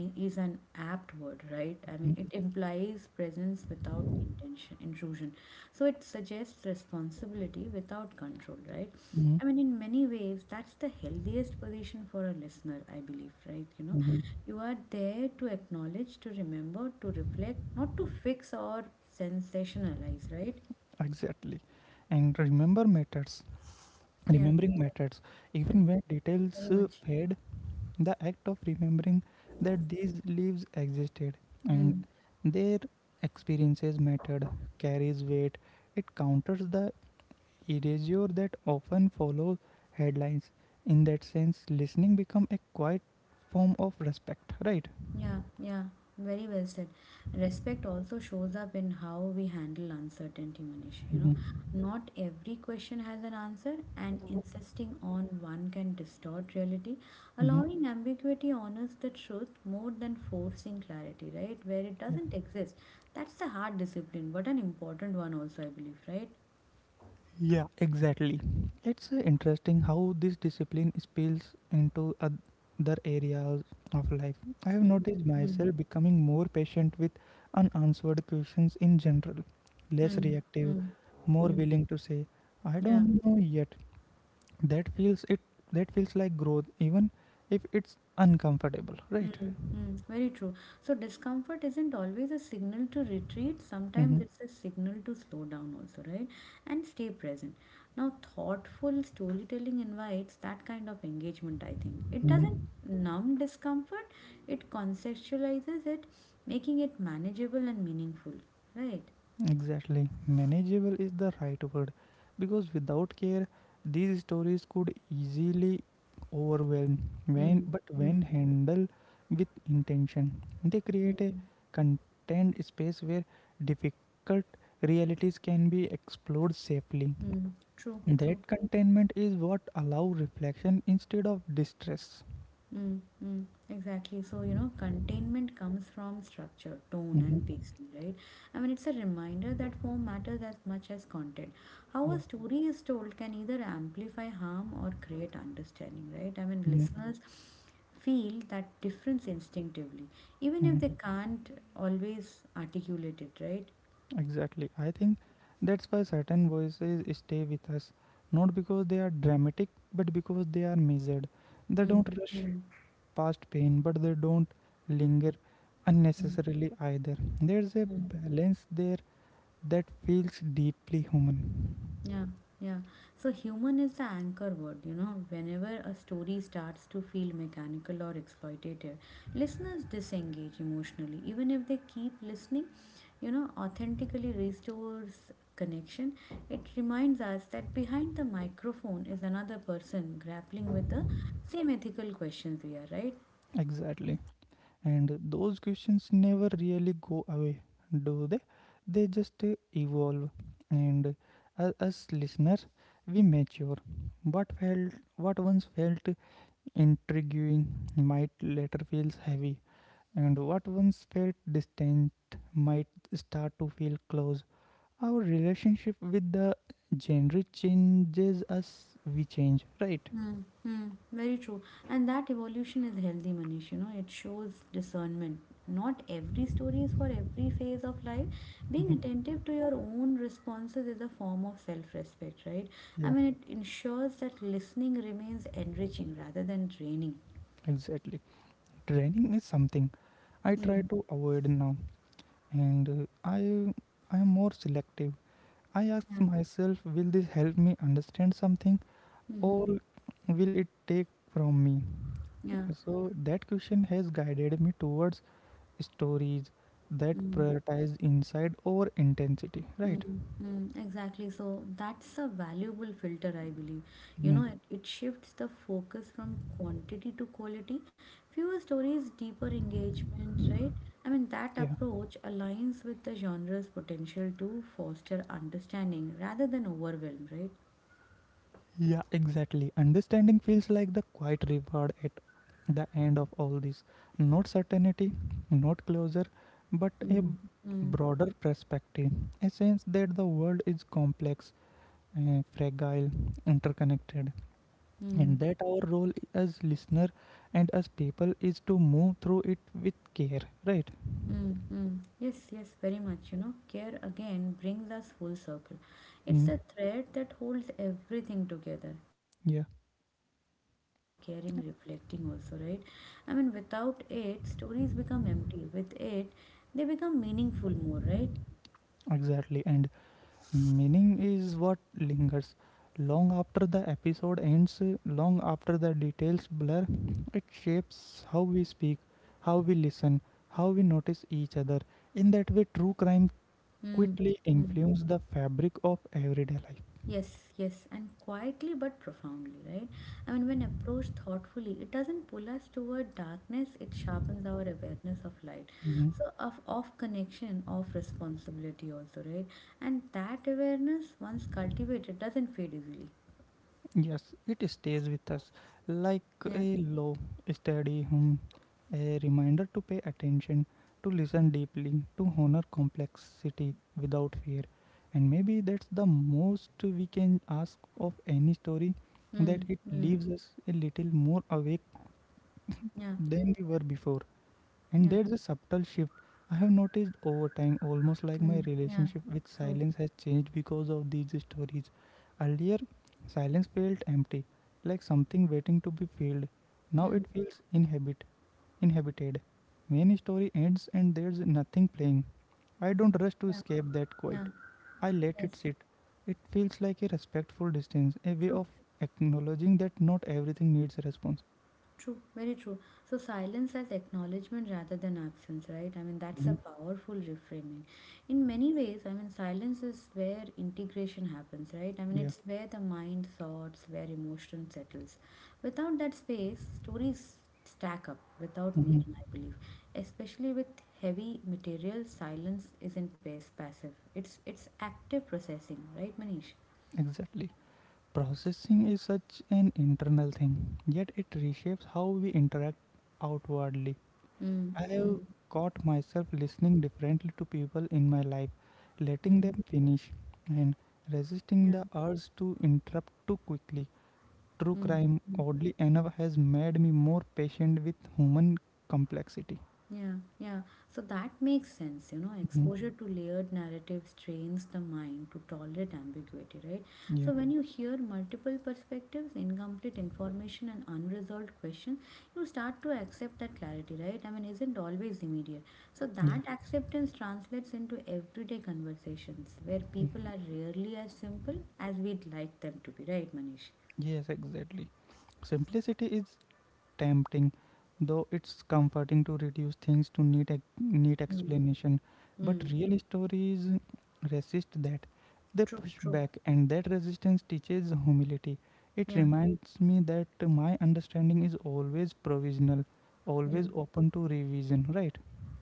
Speaker 2: i- is an apt word, right? I mean,
Speaker 1: Mhm,
Speaker 2: it implies presence without intention, intrusion. So it suggests responsibility without control, right?
Speaker 1: mhm,
Speaker 2: I mean, in many ways, that's the healthiest position for a listener, I believe, right? You know,
Speaker 1: mhm.
Speaker 2: you are there to acknowledge, to remember, to reflect, not to fix or sensationalize, right?
Speaker 1: Exactly. And remember matters.
Speaker 2: Yeah,
Speaker 1: Remembering matters.
Speaker 2: yeah,
Speaker 1: Even when details
Speaker 2: very much.
Speaker 1: fade, the act of remembering that these lives existed and
Speaker 2: Hmm.
Speaker 1: their experiences mattered carries weight. It counters the erasure that often follows headlines. In that sense, listening becomes a quiet form of respect, right?
Speaker 2: Yeah, yeah, very well said. Respect also shows up in how we handle uncertainty, Manish. You know,
Speaker 1: Mm-hmm.
Speaker 2: not every question has an answer, and insisting on one can distort reality.
Speaker 1: Mm-hmm.
Speaker 2: Allowing ambiguity honors the truth more than forcing clarity, right? Where it
Speaker 1: Yeah.
Speaker 2: doesn't exist. That's a hard discipline, but an important one also, I believe, right?
Speaker 1: Yeah, exactly. It's interesting how this discipline spills into other areas of life. I have
Speaker 2: Mm,
Speaker 1: noticed
Speaker 2: mm,
Speaker 1: myself becoming more patient with unanswered questions in general, less
Speaker 2: mm,
Speaker 1: reactive,
Speaker 2: mm,
Speaker 1: more
Speaker 2: mm.
Speaker 1: willing to say, I
Speaker 2: Yeah,
Speaker 1: don't know yet. That feels it that feels like growth even if it's uncomfortable, right?
Speaker 2: Mm, mm, very true. So discomfort isn't always a signal to retreat.
Speaker 1: Mm-hmm.
Speaker 2: Sometimes it's a signal to slow down also, right? And stay present. Now, thoughtful storytelling invites that kind of engagement, I think. It doesn't
Speaker 1: Mm-hmm.
Speaker 2: numb discomfort, it conceptualizes it, making it manageable and meaningful, right?
Speaker 1: Exactly. Manageable is the right word because without care, these stories could easily overwhelm. When,
Speaker 2: Mm,
Speaker 1: but when
Speaker 2: mm,
Speaker 1: handled with intention, they create a
Speaker 2: mm,
Speaker 1: contained space where difficult realities can be explored safely.
Speaker 2: mm. True, true.
Speaker 1: That containment is what allows reflection instead of distress.
Speaker 2: Mm, mm, exactly. So, you know, containment comes from structure, tone,
Speaker 1: Mhm.
Speaker 2: and pacing, right? I mean, it's a reminder that form matters as much as content. How
Speaker 1: Yeah.
Speaker 2: a story is told can either amplify harm or create understanding, right? I mean,
Speaker 1: Mhm.
Speaker 2: listeners feel that difference instinctively, even if they
Speaker 1: Mhm.
Speaker 2: can't always articulate it, right?
Speaker 1: Exactly. I think that's why certain voices stay with us, not because they are dramatic, but because they are measured. They
Speaker 2: Mm,
Speaker 1: don't rush
Speaker 2: mm,
Speaker 1: past pain, but they don't linger
Speaker 2: mm,
Speaker 1: unnecessarily either. There's a
Speaker 2: mm.
Speaker 1: balance there that feels deeply human.
Speaker 2: Yeah, yeah. So human is the anchor word, you know. Whenever a story starts to feel mechanical or exploitative, listeners disengage emotionally. Even if they keep listening, you know, authentically restores connection. It reminds us that behind the microphone is another person grappling with the same ethical questions we are, right?
Speaker 1: Exactly. And those questions never really go away, do they? They just evolve. And As listeners, we mature. What once felt intriguing might later feel heavy, and what once felt distant might start to feel close. Our relationship with the genre changes as we change.
Speaker 2: Mm, mm, very true. And that evolution is healthy, Manish. You know, it shows discernment. Not every story is for every phase of life. Being attentive to your own responses is a form of self respect, right? I
Speaker 1: Yeah,
Speaker 2: mean, it ensures that listening remains enriching rather than draining.
Speaker 1: exactly. Training is something I try
Speaker 2: Mm.
Speaker 1: to avoid now, and I am more selective. I ask
Speaker 2: Yeah.
Speaker 1: myself, will this help me understand something,
Speaker 2: Mm-hmm.
Speaker 1: or will it take from me?
Speaker 2: Yeah.
Speaker 1: So that question has guided me towards stories that
Speaker 2: Mm-hmm.
Speaker 1: prioritize insight over intensity, right?
Speaker 2: Mm, mm, exactly. So that's a valuable filter, I believe. You
Speaker 1: Mhm.
Speaker 2: know, it shifts the focus from quantity to quality. Fewer stories, deeper engagement, right? I mean, that
Speaker 1: Yeah,
Speaker 2: approach aligns with the genre's potential to foster understanding rather than overwhelm, right?
Speaker 1: yeah, exactly. Understanding feels like the quiet reward at the end of all this. Not certainty, not closure, but a
Speaker 2: Mm, mm,
Speaker 1: broader perspective. A sense that the world is complex, fragile, interconnected,
Speaker 2: mm.
Speaker 1: and that our role as listener and as people is to move through it with care, right?
Speaker 2: Mm-hmm. Yes, yes, very much. You know, care again brings us full circle. It's
Speaker 1: Mm.
Speaker 2: a thread that holds everything together. Care
Speaker 1: Yeah,
Speaker 2: in listening, care in telling, care in reflecting, also, right? I mean, without it, stories become empty. With it, they become meaningful more, right?
Speaker 1: exactly. And meaning is what lingers long after the episode ends, long after the details blur. It shapes how we speak, how we listen, how we notice each other. In that way, true crime quickly
Speaker 2: Mm-hmm.
Speaker 1: influences the fabric of everyday life.
Speaker 2: Yes, yes, and quietly but profoundly, right? I mean, when approached thoughtfully, it doesn't pull us toward darkness, it sharpens our awareness of light.
Speaker 1: Mm-hmm.
Speaker 2: So, of connection, of responsibility, also, right? And that awareness, once cultivated, doesn't fade easily.
Speaker 1: Yes, it stays with us like
Speaker 2: Yeah.
Speaker 1: a low, steady hum, a reminder to pay attention, to listen deeply, to honor complexity without fear. And maybe that's the most we can ask of any story, that
Speaker 2: Mm,
Speaker 1: it
Speaker 2: mm,
Speaker 1: leaves us a little more awake
Speaker 2: yeah,
Speaker 1: than we were before. And
Speaker 2: yeah,
Speaker 1: there's a subtle shift I have noticed over time, almost like my
Speaker 2: mm, yeah,
Speaker 1: relationship with
Speaker 2: true.
Speaker 1: silence has changed because of these stories. Earlier, silence felt empty, like something waiting to be filled. Now
Speaker 2: Mm,
Speaker 1: it feels inhabit, inhabited. When story ends and there's nothing playing, I don't rush to
Speaker 2: yeah,
Speaker 1: escape that
Speaker 2: yeah,
Speaker 1: quiet. I let
Speaker 2: yes,
Speaker 1: it sit. It feels like a respectful distance, a way
Speaker 2: true.
Speaker 1: of acknowledging that not everything needs a response.
Speaker 2: True, very true. So silence as acknowledgement rather than absence, right? I mean, that's a
Speaker 1: Mhm.
Speaker 2: powerful reframing. In many ways, I mean, silence is where integration happens, right? I mean,
Speaker 1: Yeah,
Speaker 2: it's where the mind thoughts, where emotion settles. Without that space, stories stack up without meaning,
Speaker 1: hmm,
Speaker 2: I believe. Especially with heavy material, silence isn't pass- passive. It's active processing, right, Manish?
Speaker 1: exactly. Processing is such an internal thing, yet it reshapes how we interact outwardly.
Speaker 2: Mm,
Speaker 1: I have
Speaker 2: mm,
Speaker 1: caught myself listening differently to people in my life, letting
Speaker 2: mm.
Speaker 1: them finish, and resisting
Speaker 2: Yeah.
Speaker 1: the urge to interrupt too quickly. True
Speaker 2: Mm.
Speaker 1: crime, oddly enough, has made me more patient with human complexity.
Speaker 2: Yeah, yeah. So that makes sense. You know,
Speaker 1: Mhm.
Speaker 2: exposure to layered narratives trains the mind to tolerate ambiguity, right?
Speaker 1: Yeah,
Speaker 2: So when you hear multiple perspectives, incomplete information, and unresolved questions, you start to accept that clarity, right? I mean, isn't always immediate. So
Speaker 1: yeah,
Speaker 2: that acceptance translates into everyday conversations where people are rarely as simple as we'd like them to be, right, Manish?
Speaker 1: yes, exactly. Simplicity is tempting, though it's comforting to reduce things to neat, neat
Speaker 2: Mm.
Speaker 1: explanation. But
Speaker 2: Mm.
Speaker 1: real stories resist that. They
Speaker 2: True,
Speaker 1: push
Speaker 2: true.
Speaker 1: back, and that resistance teaches humility. It
Speaker 2: Yeah,
Speaker 1: reminds me that my understanding is always provisional,
Speaker 2: yeah.
Speaker 1: always open to revision, right?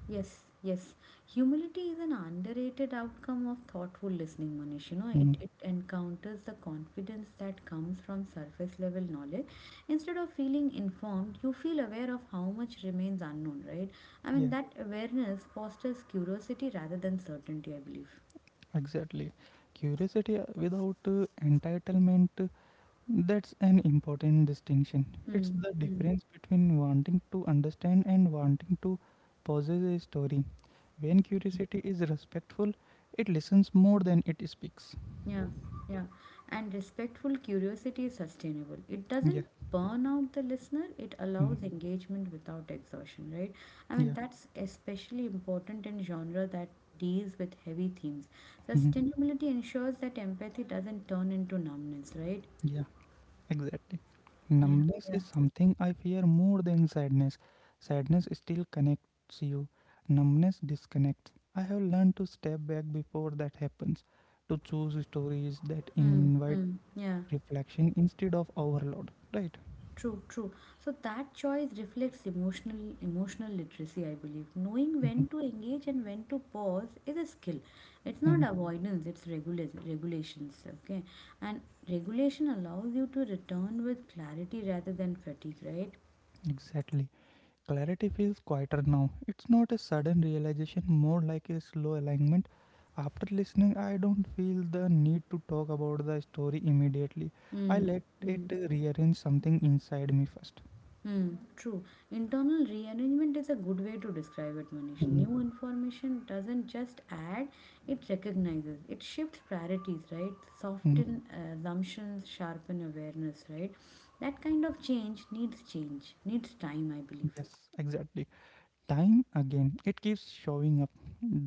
Speaker 2: Yes, yes. Humility is an underrated outcome of thoughtful listening, Manish. You know,
Speaker 1: Mhm.
Speaker 2: it encounters the confidence that comes from surface level knowledge. Instead of feeling informed, you feel aware of how much remains unknown, right? I mean,
Speaker 1: Yeah,
Speaker 2: that awareness fosters curiosity rather than certainty, I believe.
Speaker 1: exactly. Curiosity without entitlement. That's an important distinction. It's
Speaker 2: Mm,
Speaker 1: the
Speaker 2: mm.
Speaker 1: difference between wanting to understand and wanting to possess a story. When curiosity is respectful, it listens more than it speaks.
Speaker 2: Yeah, yeah. And respectful curiosity is sustainable. It
Speaker 1: Yeah,
Speaker 2: doesn't burn out the listener, it
Speaker 1: mhm,
Speaker 2: allows engagement without exhaustion, right? I mean,
Speaker 1: yeah,
Speaker 2: that's especially important in genre that deals with heavy themes.
Speaker 1: mhm,
Speaker 2: Sustainability ensures that empathy doesn't turn into numbness, right?
Speaker 1: yeah, exactly.
Speaker 2: Yeah,
Speaker 1: Numbness
Speaker 2: yeah.
Speaker 1: is something I fear more than sadness. Sadness still connects you, numbness disconnects. I have learned to step back before that happens, to choose stories that
Speaker 2: Hmm,
Speaker 1: invite
Speaker 2: hmm, yeah.
Speaker 1: reflection instead of overload, right?
Speaker 2: True, true. So that choice reflects emotional literacy, I believe. Knowing
Speaker 1: Mhm,
Speaker 2: when to engage and when to pause is a skill. It's not
Speaker 1: mhm.
Speaker 2: avoidance, regulations, okay? And regulation allows you to return with clarity rather than fatigue, right?
Speaker 1: Exactly. Clarity feels quieter now. It's not a sudden realization, more like a slow alignment. After listening, I don't feel the need to talk about the story immediately. I
Speaker 2: Mm,
Speaker 1: let it rearrange something inside me first.
Speaker 2: Hmm, true. Internal rearrangement is a good way to describe it, Manish.
Speaker 1: Mhm,
Speaker 2: New information doesn't just add, it recognizes. It shifts priorities, right?
Speaker 1: mhm.
Speaker 2: Soften assumptions, sharpen awareness, right? That kind of change, needs time, I believe.
Speaker 1: Yes, exactly. Time again, it keeps showing up,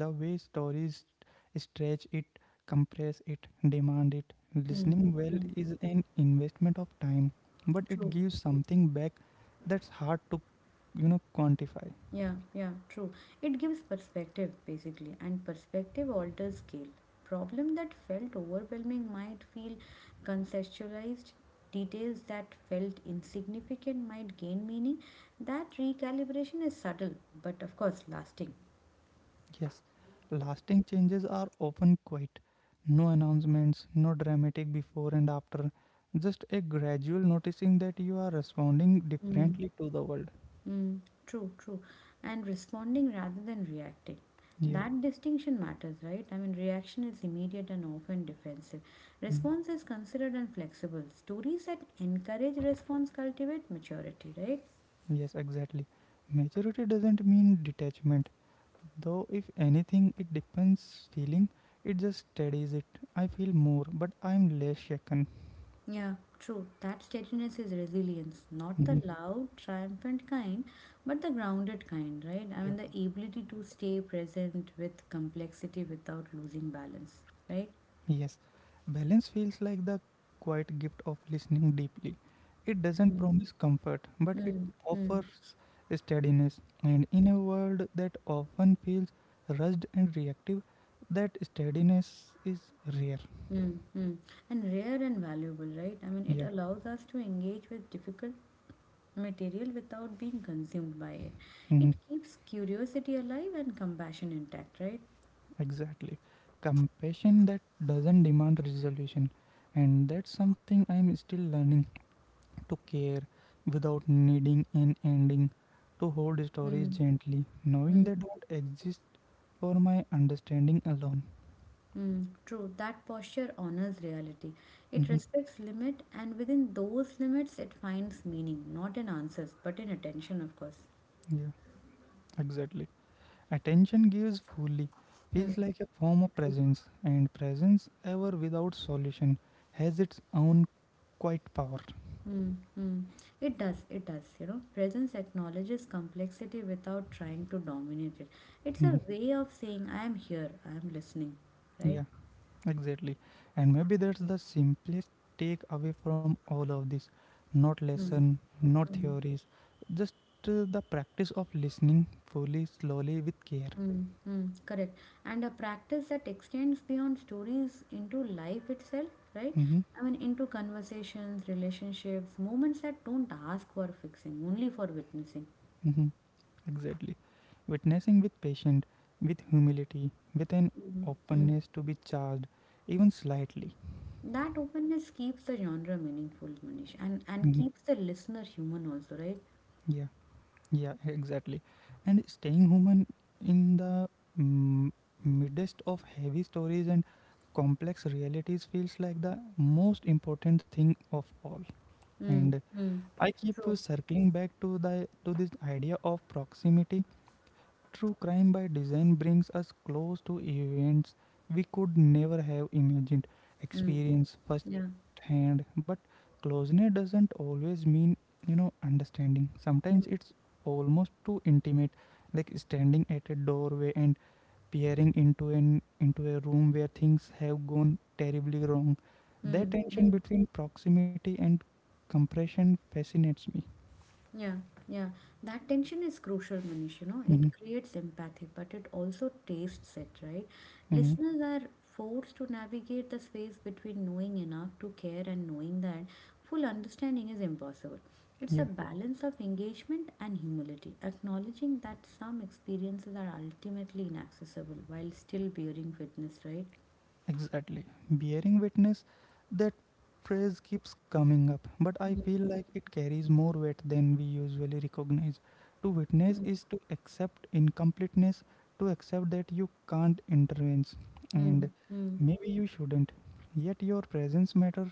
Speaker 1: the way stories stretch it, compress it, demand it.
Speaker 2: Hmm,
Speaker 1: Listening well
Speaker 2: hmm,
Speaker 1: is an investment of time, but it
Speaker 2: true.
Speaker 1: gives something back that's hard to, quantify.
Speaker 2: Yeah, yeah, true. It gives perspective basically, and perspective alters scale. Problem that felt overwhelming might feel conceptualized. Details that felt insignificant might gain meaning. That recalibration is subtle, but of course lasting.
Speaker 1: Yes, lasting changes are often quiet. No announcements, no dramatic before and after, just a gradual noticing that you are responding differently to the world.
Speaker 2: Mm, true, true. And responding rather than reacting.
Speaker 1: Yeah.
Speaker 2: That distinction matters, right? I mean, reaction is immediate and often defensive.
Speaker 1: Hmm.
Speaker 2: Response is considered and flexible. Stories that encourage response cultivate maturity, right?
Speaker 1: Yes, exactly. Maturity doesn't mean detachment, though, if anything, it depends feeling. It just steadies it. I feel more, but I'm less shaken.
Speaker 2: Yeah, true. That steadiness is resilience, not
Speaker 1: Mhm.
Speaker 2: the loud, triumphant kind, but the grounded kind, right? I
Speaker 1: Yeah.
Speaker 2: mean, the ability to stay present with complexity without losing balance, right?
Speaker 1: Yes. Balance feels like the quiet gift of listening deeply. It doesn't
Speaker 2: Mm.
Speaker 1: promise comfort, but it
Speaker 2: Mm. Mm.
Speaker 1: offers steadiness. And in a world that often feels rushed and reactive, that steadiness is rare.
Speaker 2: Mm, mm. And rare and valuable, right? I mean, it
Speaker 1: Yeah.
Speaker 2: allows us to engage with difficult material without being consumed by it.
Speaker 1: Mhm.
Speaker 2: It keeps curiosity alive and compassion intact, right?
Speaker 1: Exactly. Compassion that doesn't demand resolution. And that's something I'm still learning, to care without needing an ending, to hold stories
Speaker 2: Mm,
Speaker 1: gently, knowing
Speaker 2: mm,
Speaker 1: they don't exist for my understanding alone.
Speaker 2: mm. True. That posture honors reality. It
Speaker 1: Hmm.
Speaker 2: respects limit, and within those limits, it finds meaning, not in answers, but in attention, of course.
Speaker 1: Yeah, exactly. Attention gives fully,
Speaker 2: Mm.
Speaker 1: feels like a form of presence, and presence, ever without solution, has its own quiet power.
Speaker 2: Mm, mm. It does, it does. Presence acknowledges complexity without trying to dominate it. It's
Speaker 1: Mhm.
Speaker 2: a way of saying, I am here, I am listening, right?
Speaker 1: Yeah. Exactly. And maybe that's the simplest take away from all of this. Not
Speaker 2: Mm,
Speaker 1: lesson, not
Speaker 2: mm,
Speaker 1: theories, just the practice of listening fully, slowly, with care.
Speaker 2: mm, mm. Correct. And a practice that extends beyond stories into life itself, right?
Speaker 1: Hmm.
Speaker 2: I mean, into conversations, relationships, moments that don't ask for fixing, only for witnessing.
Speaker 1: Hmm. Exactly. Witnessing with patience, with humility, with an
Speaker 2: Hmm. Mm.
Speaker 1: openness to be charged, even slightly.
Speaker 2: That openness keeps the genre meaningful, Manish, and
Speaker 1: Mhm.
Speaker 2: keeps the listener human also, right?
Speaker 1: Yeah. Yeah, exactly. And staying human in the mm, midst of heavy stories and complex realities feels like the most important thing of all.
Speaker 2: Mm,
Speaker 1: And
Speaker 2: mm.
Speaker 1: I keep
Speaker 2: True.
Speaker 1: circling back to this idea of proximity. True crime by design brings us close to events we could never have imagined,
Speaker 2: Mm,
Speaker 1: experience
Speaker 2: yeah.
Speaker 1: firsthand. But closeness doesn't always mean, understanding. Sometimes it's almost too intimate, like standing at a doorway and peering into a room where things have gone terribly wrong. That
Speaker 2: Mm,
Speaker 1: tension
Speaker 2: mm.
Speaker 1: between proximity and compression fascinates me.
Speaker 2: Yeah, yeah. That tension is crucial, Manish. You know,
Speaker 1: Hmm.
Speaker 2: it creates empathy, but it also tastes it, right?
Speaker 1: Hmm.
Speaker 2: Listeners are forced to navigate the space between knowing enough to care and knowing that full understanding is impossible. It's
Speaker 1: Yeah.
Speaker 2: a balance of engagement and humility, acknowledging that some experiences are ultimately inaccessible while still bearing witness, right?
Speaker 1: Exactly. Bearing witness, that phrase keeps coming up, but I
Speaker 2: Mm,
Speaker 1: feel like it carries more weight than we usually recognize. To witness
Speaker 2: mm,
Speaker 1: is to accept incompleteness, to accept that you can't intervene, and
Speaker 2: mm, mm,
Speaker 1: maybe you shouldn't. Yet your presence matters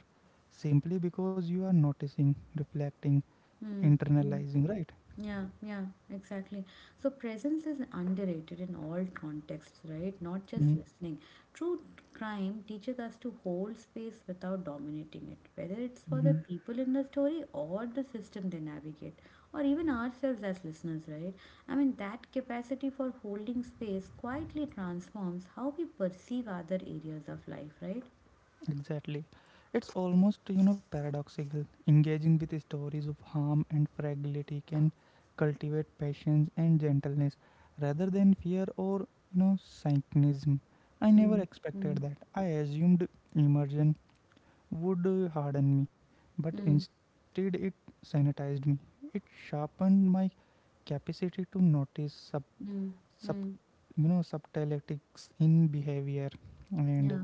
Speaker 1: simply because you are noticing, reflecting,
Speaker 2: mm. Mm.
Speaker 1: internalizing, right?
Speaker 2: Yeah, yeah, exactly. So presence is underrated in all contexts, right? Not just listening. True crime teaches us to hold space without dominating it, whether it's for
Speaker 1: Mm-hmm.
Speaker 2: the people in the story or the system they navigate, or even ourselves as listeners, right? I mean, that capacity for holding space quietly transforms how we perceive other areas of life, right?
Speaker 1: Exactly. It's almost, you know, paradoxical. Engaging with stories of harm and fragility can cultivate patience and gentleness rather than fear or, you know, cynicism. I never
Speaker 2: Mm,
Speaker 1: expected
Speaker 2: mm,
Speaker 1: that. I assumed immersion would harden me, but
Speaker 2: mm,
Speaker 1: instead it sanitized me. It sharpened my capacity to notice sub,
Speaker 2: mm,
Speaker 1: sub
Speaker 2: mm.
Speaker 1: you know, subtleties in behavior and
Speaker 2: Yeah,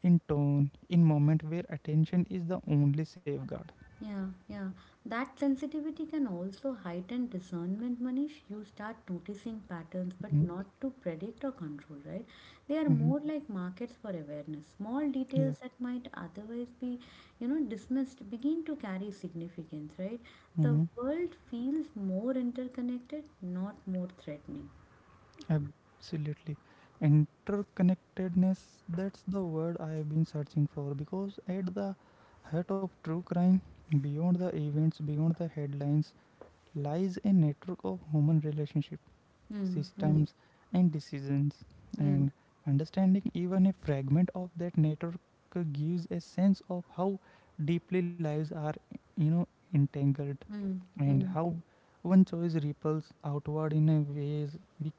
Speaker 1: in tone, in moment where attention is the only safeguard.
Speaker 2: yeah, yeah. That sensitivity can also heighten discernment, Manish. You start noticing patterns, but
Speaker 1: Mhm,
Speaker 2: not to predict or control, right? They are
Speaker 1: mhm.
Speaker 2: more like markets for awareness. Small
Speaker 1: Yeah.
Speaker 2: details that might otherwise be dismissed begin to carry significance, right? The
Speaker 1: Mhm.
Speaker 2: world feels more interconnected, not more threatening.
Speaker 1: Absolutely. Interconnectedness, that's the word I have been searching for, because at the heart of true crime, beyond the events, beyond the headlines, lies a network of human relationships,
Speaker 2: Hmm. Hmm.
Speaker 1: systems, and decisions.
Speaker 2: Hmm.
Speaker 1: And understanding even a fragment of that network gives a sense of how deeply lives are, you know, entangled,
Speaker 2: Hmm.
Speaker 1: and
Speaker 2: Hmm.
Speaker 1: how one choice ripples outward in a ways we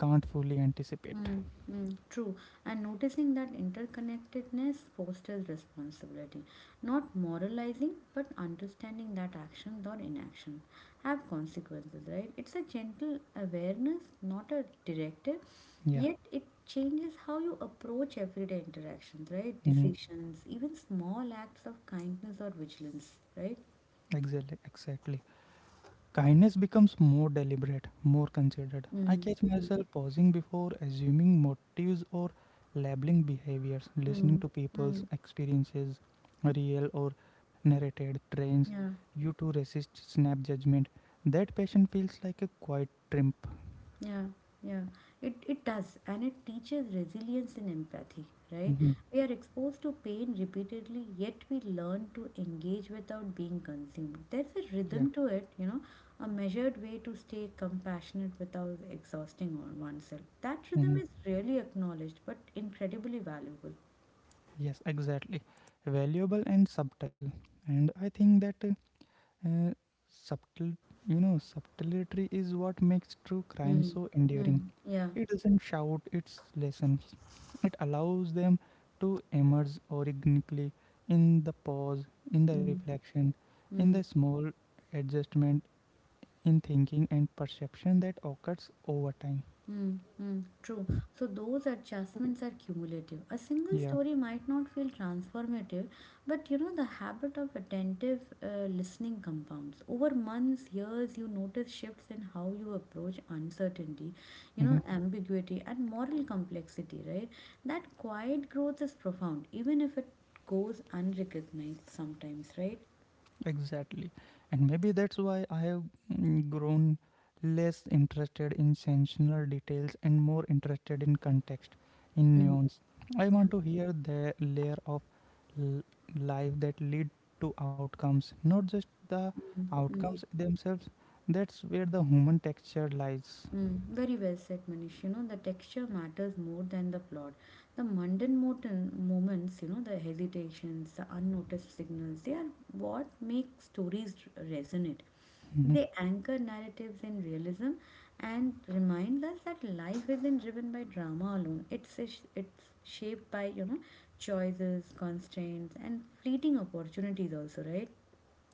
Speaker 1: can't fully anticipate.
Speaker 2: Mm, mm, true. And noticing that interconnectedness fosters responsibility. Not moralizing, but understanding that actions or inaction have consequences, right? It's a gentle awareness, not a directive,
Speaker 1: Yeah.
Speaker 2: yet it changes how you approach everyday interactions, right?
Speaker 1: Hmm.
Speaker 2: Decisions, even small acts of kindness or vigilance, right?
Speaker 1: Exactly, exactly. Kindness becomes more deliberate, more considered. I
Speaker 2: Mm,
Speaker 1: catch
Speaker 2: mm,
Speaker 1: myself pausing before assuming motives or labeling behaviors. Listening
Speaker 2: mm,
Speaker 1: to
Speaker 2: mm,
Speaker 1: people's experiences, real or narrated, trains
Speaker 2: yeah.
Speaker 1: you to resist snap judgment. That passion feels like a quiet triumph.
Speaker 2: Yeah, yeah. It does, and it teaches resilience and empathy, right?
Speaker 1: Mhm.
Speaker 2: We are exposed to pain repeatedly, yet we learn to engage without being consumed. There's a
Speaker 1: Yeah.
Speaker 2: rhythm to it, a measured way to stay compassionate without exhausting oneself. That rhythm
Speaker 1: Mhm.
Speaker 2: is really acknowledged, but incredibly valuable.
Speaker 1: Yes, exactly. Valuable and subtle. And I think that uh, subtle, subtlety is what makes true crime so
Speaker 2: Mm.
Speaker 1: enduring.
Speaker 2: Mm. Yeah.
Speaker 1: It doesn't shout its lessons. It allows them to emerge organically, in the pause, in the
Speaker 2: Mm.
Speaker 1: reflection, in
Speaker 2: Mm.
Speaker 1: the small adjustment in thinking and perception that occurs over time.
Speaker 2: Mm, mm, true. So those adjustments are cumulative. A single
Speaker 1: Yeah.
Speaker 2: story might not feel transformative, but you know the habit of attentive listening compounds. Over months, years, you notice shifts in how you approach uncertainty,
Speaker 1: Hmm.
Speaker 2: ambiguity and moral complexity, right? That quiet growth is profound, even if it goes unrecognized sometimes, right?
Speaker 1: Exactly. And maybe that's why I have grown less interested in sensational details and more interested in context, in
Speaker 2: Mm,
Speaker 1: nuance. I
Speaker 2: yeah,
Speaker 1: want to hear the layer of l- life that lead to outcomes, not just the
Speaker 2: mm, mm.
Speaker 1: outcomes themselves. That's where the human texture lies.
Speaker 2: Mm, very well said, Manish. The texture matters more than the plot. The mundane moments, the hesitations, the unnoticed signals, they are what make stories resonate.
Speaker 1: Mm-hmm.
Speaker 2: They anchor narratives in realism and remind us that life isn't driven by drama alone. It's shaped by choices, constraints, and fleeting opportunities, also, right?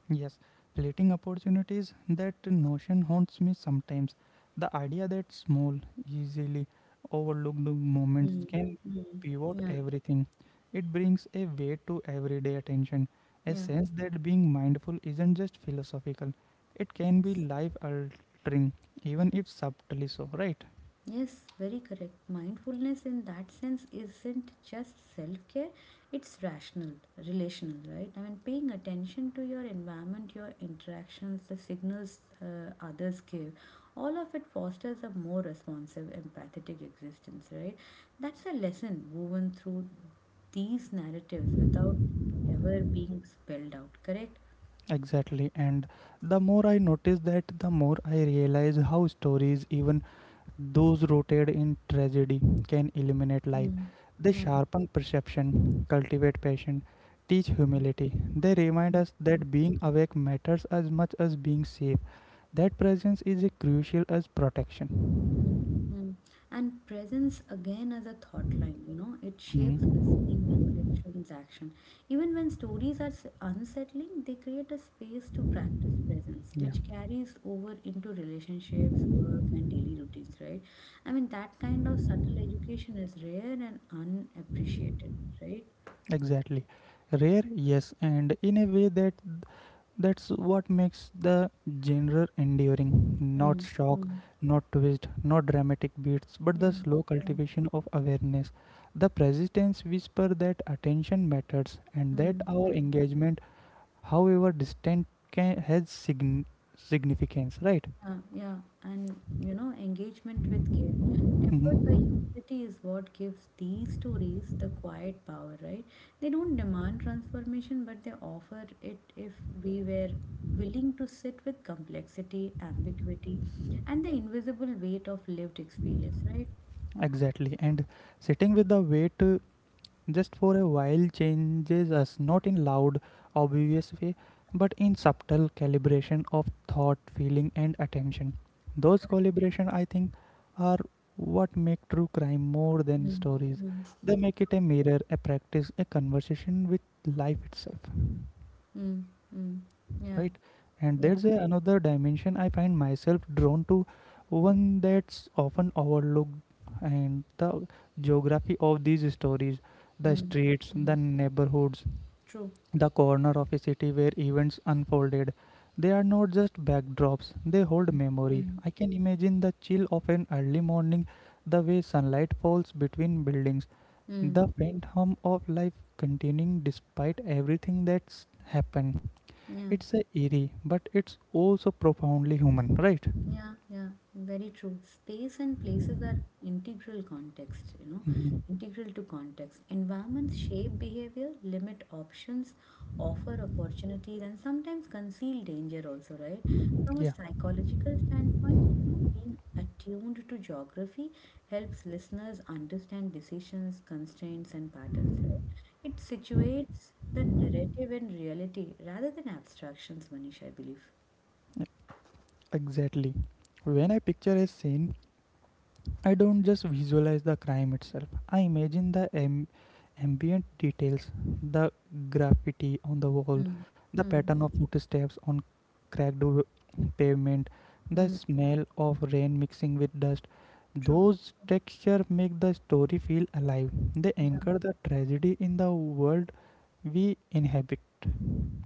Speaker 1: Yes, fleeting opportunities, that notion haunts me sometimes. The idea that small, easily overlooked moments
Speaker 2: Mm.
Speaker 1: can
Speaker 2: Mm.
Speaker 1: pivot
Speaker 2: Yeah,
Speaker 1: everything. It brings a weight to everyday attention, a
Speaker 2: yeah.
Speaker 1: sense that being mindful isn't just philosophical, it can be
Speaker 2: Yes.
Speaker 1: life altering, even if subtly so, right?
Speaker 2: Yes, very correct. Mindfulness in that sense isn't just self care, it's rational, relational, right? I mean, paying attention to your environment, your interactions, the signals others give, all of it fosters a more responsive, empathetic existence, right? That's a lesson woven through these narratives without ever being spelled out, correct?
Speaker 1: Exactly, and the more I notice that, the more I realize how stories, even those rooted in tragedy, can illuminate life.
Speaker 2: Mm.
Speaker 1: They
Speaker 2: Yeah.
Speaker 1: sharpen perception, cultivate passion, teach humility. They remind us that being awake matters as much as being safe. That presence is as crucial as
Speaker 2: Mm,
Speaker 1: protection.
Speaker 2: mm. And presence again as a thought line, it shapes listening,
Speaker 1: Hmm.
Speaker 2: reflections, action. Even when stories are unsettling, they create a space to practice presence,
Speaker 1: Yeah,
Speaker 2: which carries over into relationships, work, and daily routines, right? I mean, that kind of subtle education is rare and unappreciated, right?
Speaker 1: exactly. Rare, yes, and in a way that that's what makes the genre enduring. Not
Speaker 2: Mm,
Speaker 1: shock,
Speaker 2: mm,
Speaker 1: not twist, not dramatic beats, but
Speaker 2: yeah,
Speaker 1: the slow
Speaker 2: yeah.
Speaker 1: cultivation of awareness. The persistence whisper that attention matters and that
Speaker 2: Mm,
Speaker 1: our
Speaker 2: mm.
Speaker 1: engagement, however distant, can, significance, right?
Speaker 2: Yeah, yeah, and engagement with care, tempered by
Speaker 1: Mhm.
Speaker 2: humility, is what gives these stories the quiet power, right? They don't demand transformation, but they offer it if we were willing to sit with complexity, ambiguity, and the invisible weight of lived experience, right?
Speaker 1: Exactly. And sitting with the weight just for a while changes us, not in loud obvious way, but in subtle calibration of thought, feeling, and attention. Those calibration, I think, are what make true crime more than
Speaker 2: Mm,
Speaker 1: stories.
Speaker 2: mm,
Speaker 1: They make it a mirror, a practice, a conversation with life itself,
Speaker 2: mm, mm. Yeah,
Speaker 1: right? And
Speaker 2: yes,
Speaker 1: there's a, another dimension I find myself drawn to, one that's often overlooked, and the geography of these stories, the
Speaker 2: mm,
Speaker 1: streets, the
Speaker 2: mm.
Speaker 1: neighborhoods,
Speaker 2: True.
Speaker 1: the corner of a city where events unfolded. They are not just backdrops, they hold memory.
Speaker 2: Mm,
Speaker 1: I can imagine the chill of an early morning, the way sunlight falls between buildings,
Speaker 2: mm,
Speaker 1: the faint hum of life continuing despite everything that's happened.
Speaker 2: yeah.
Speaker 1: It's a eerie, but it's also profoundly human, right?
Speaker 2: Yeah, yeah, very true. Space and places are integral context,
Speaker 1: Mhm.
Speaker 2: integral to context. Environments shape behavior, limit options, offer opportunities, and sometimes conceal danger also, right? From
Speaker 1: Yeah,
Speaker 2: a psychological standpoint, being attuned to geography helps listeners understand decisions, constraints, and patterns, right? It situates the narrative in reality rather than abstractions, Manish, I believe.
Speaker 1: exactly. When I picture a scene, I don't just visualize the crime itself. I imagine the ambient details, the graffiti on the wall,
Speaker 2: Mm.
Speaker 1: the pattern of footsteps on cracked w- pavement, the
Speaker 2: Mm.
Speaker 1: smell of rain mixing with dust.
Speaker 2: True.
Speaker 1: Those textures make the story feel alive. They
Speaker 2: Yeah,
Speaker 1: anchor the tragedy in the world we inhabit.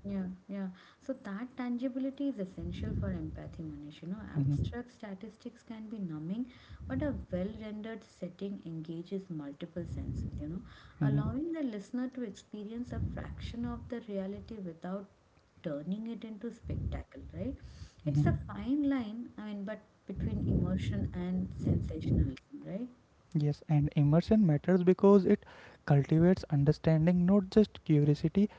Speaker 2: yeah, yeah. So that tangibility is essential for empathy, Manish. You know,
Speaker 1: Mhm.
Speaker 2: abstract statistics can be numbing, but a well rendered setting engages multiple senses,
Speaker 1: Mhm.
Speaker 2: allowing the listener to experience a fraction of the reality without turning it into spectacle, right? It's
Speaker 1: Mhm.
Speaker 2: a fine line, I mean, but between emotion and sensationalism, right?
Speaker 1: Yes, and immersion matters because it cultivates understanding, not just curiosity.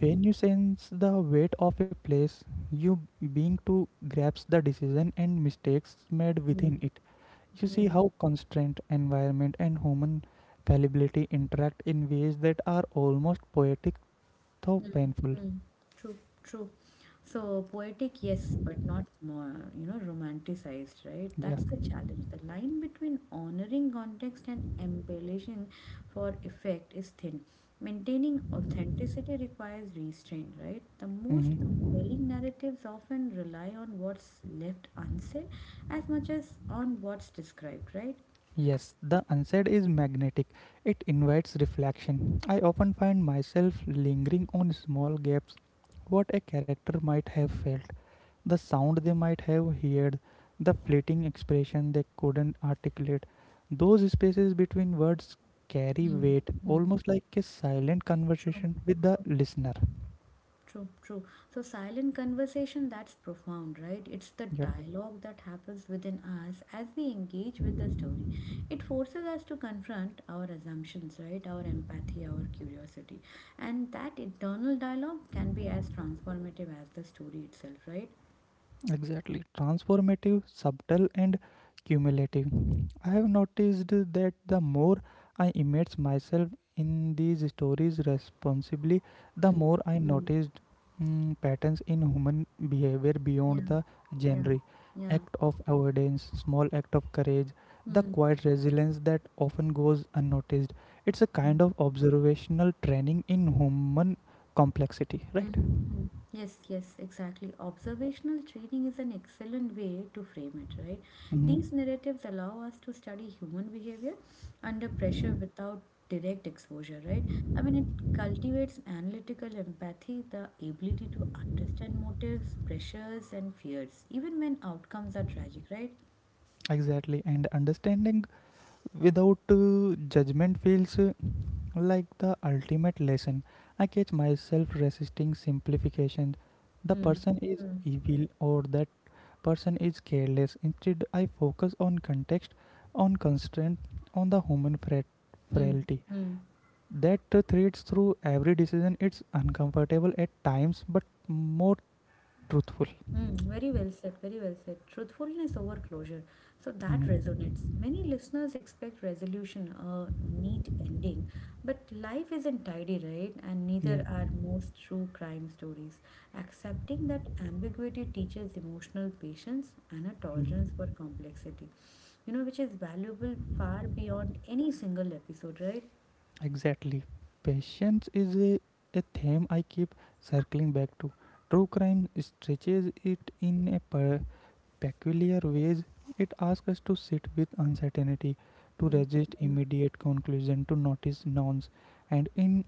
Speaker 1: When you sense the weight of a place, you being to grasp the decision and mistakes made
Speaker 2: Mm,
Speaker 1: within it. You see
Speaker 2: mm,
Speaker 1: how constraint, environment, and human fallibility interact in ways that are almost poetic though
Speaker 2: mm,
Speaker 1: painful.
Speaker 2: mm. True, true. So poetic, yes, but not more, romanticized, right?
Speaker 1: Yeah.
Speaker 2: That's the challenge. The line between honoring context and embellishing for effect is thin. Maintaining authenticity requires restraint, right? The most
Speaker 1: Hmm.
Speaker 2: compelling narratives often rely on what's left unsaid as much as on what's described, right?
Speaker 1: Yes, the unsaid is magnetic. It invites reflection. I often find myself lingering on small gaps, what a character might have felt, the sound they might have heard, the fleeting expression they couldn't articulate. Those spaces between words carry weight,
Speaker 2: Mm-hmm.
Speaker 1: almost like a silent
Speaker 2: True,
Speaker 1: conversation with the
Speaker 2: true.
Speaker 1: listener.
Speaker 2: True, true. So, silent conversation, that's profound, right? It's the
Speaker 1: Yeah.
Speaker 2: dialogue that happens within us as we engage with the story. It forces us to confront our assumptions, right? Our empathy, our curiosity. And that internal dialogue can be as transformative as the story itself, right?
Speaker 1: Exactly. Transformative, subtle, and cumulative. I have noticed that the more I immerse myself in these stories responsibly, the
Speaker 2: Mm.
Speaker 1: more I
Speaker 2: Mm.
Speaker 1: noticed patterns in human behavior beyond
Speaker 2: Yeah,
Speaker 1: the
Speaker 2: yeah,
Speaker 1: genre.
Speaker 2: yeah.
Speaker 1: Act of avoidance, small act of courage, the
Speaker 2: Hmm.
Speaker 1: quiet resilience that often goes unnoticed. It's a kind of observational training in human complexity, right?
Speaker 2: Mhm, mhm. Yes, yes, exactly. Observational training is an excellent way to frame it, right?
Speaker 1: Mhm.
Speaker 2: These narratives allow us to study human behavior under pressure without direct exposure, right? I mean, it cultivates analytical empathy, the ability to understand motives, pressures, and fears, even when outcomes are tragic, right?
Speaker 1: Exactly, and understanding without judgment feels like the ultimate lesson. I catch myself resisting simplifications. The
Speaker 2: Mm,
Speaker 1: person is
Speaker 2: mm,
Speaker 1: evil or that person is careless. Instead, I focus on context, on constraint, on the human
Speaker 2: mm,
Speaker 1: frailty.
Speaker 2: mm.
Speaker 1: That threads through every decision. It's uncomfortable at times, but more truthful.
Speaker 2: Mm, very well said, very well said. Truthfulness over closure. So that
Speaker 1: Mhm.
Speaker 2: resonates. Many listeners expect resolution, a neat ending, but life isn't tidy, right? And
Speaker 1: Yeah.
Speaker 2: neither are most true crime stories. Accepting that ambiguity teaches emotional patience and a tolerance
Speaker 1: Mhm.
Speaker 2: for complexity, which is valuable far beyond any single episode, right?
Speaker 1: Exactly. Patience is a theme I keep circling back to. True crime stretches it in a peculiar ways. It asks us to sit with uncertainty, to
Speaker 2: Mm,
Speaker 1: resist
Speaker 2: mm,
Speaker 1: immediate conclusion, to notice nouns, and in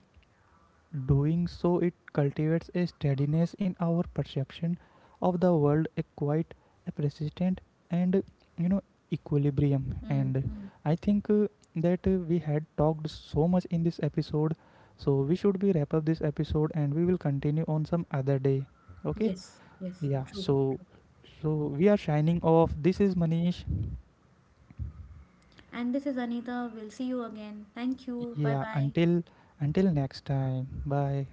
Speaker 1: doing so, it cultivates a steadiness in our perception of the world, a quite a persistent, and, you know, equilibrium.
Speaker 2: mm,
Speaker 1: And
Speaker 2: mm.
Speaker 1: I think that we had talked so much in this episode, so we should be wrap up this episode, and we will continue on some other day. Okay?
Speaker 2: Yes, yes,
Speaker 1: Yeah.
Speaker 2: true.
Speaker 1: So, so we are shining off. This is Manish.
Speaker 2: And this is Anita. We'll see you again. Thank you. Bye
Speaker 1: Yeah.
Speaker 2: bye.
Speaker 1: Until next time. Bye.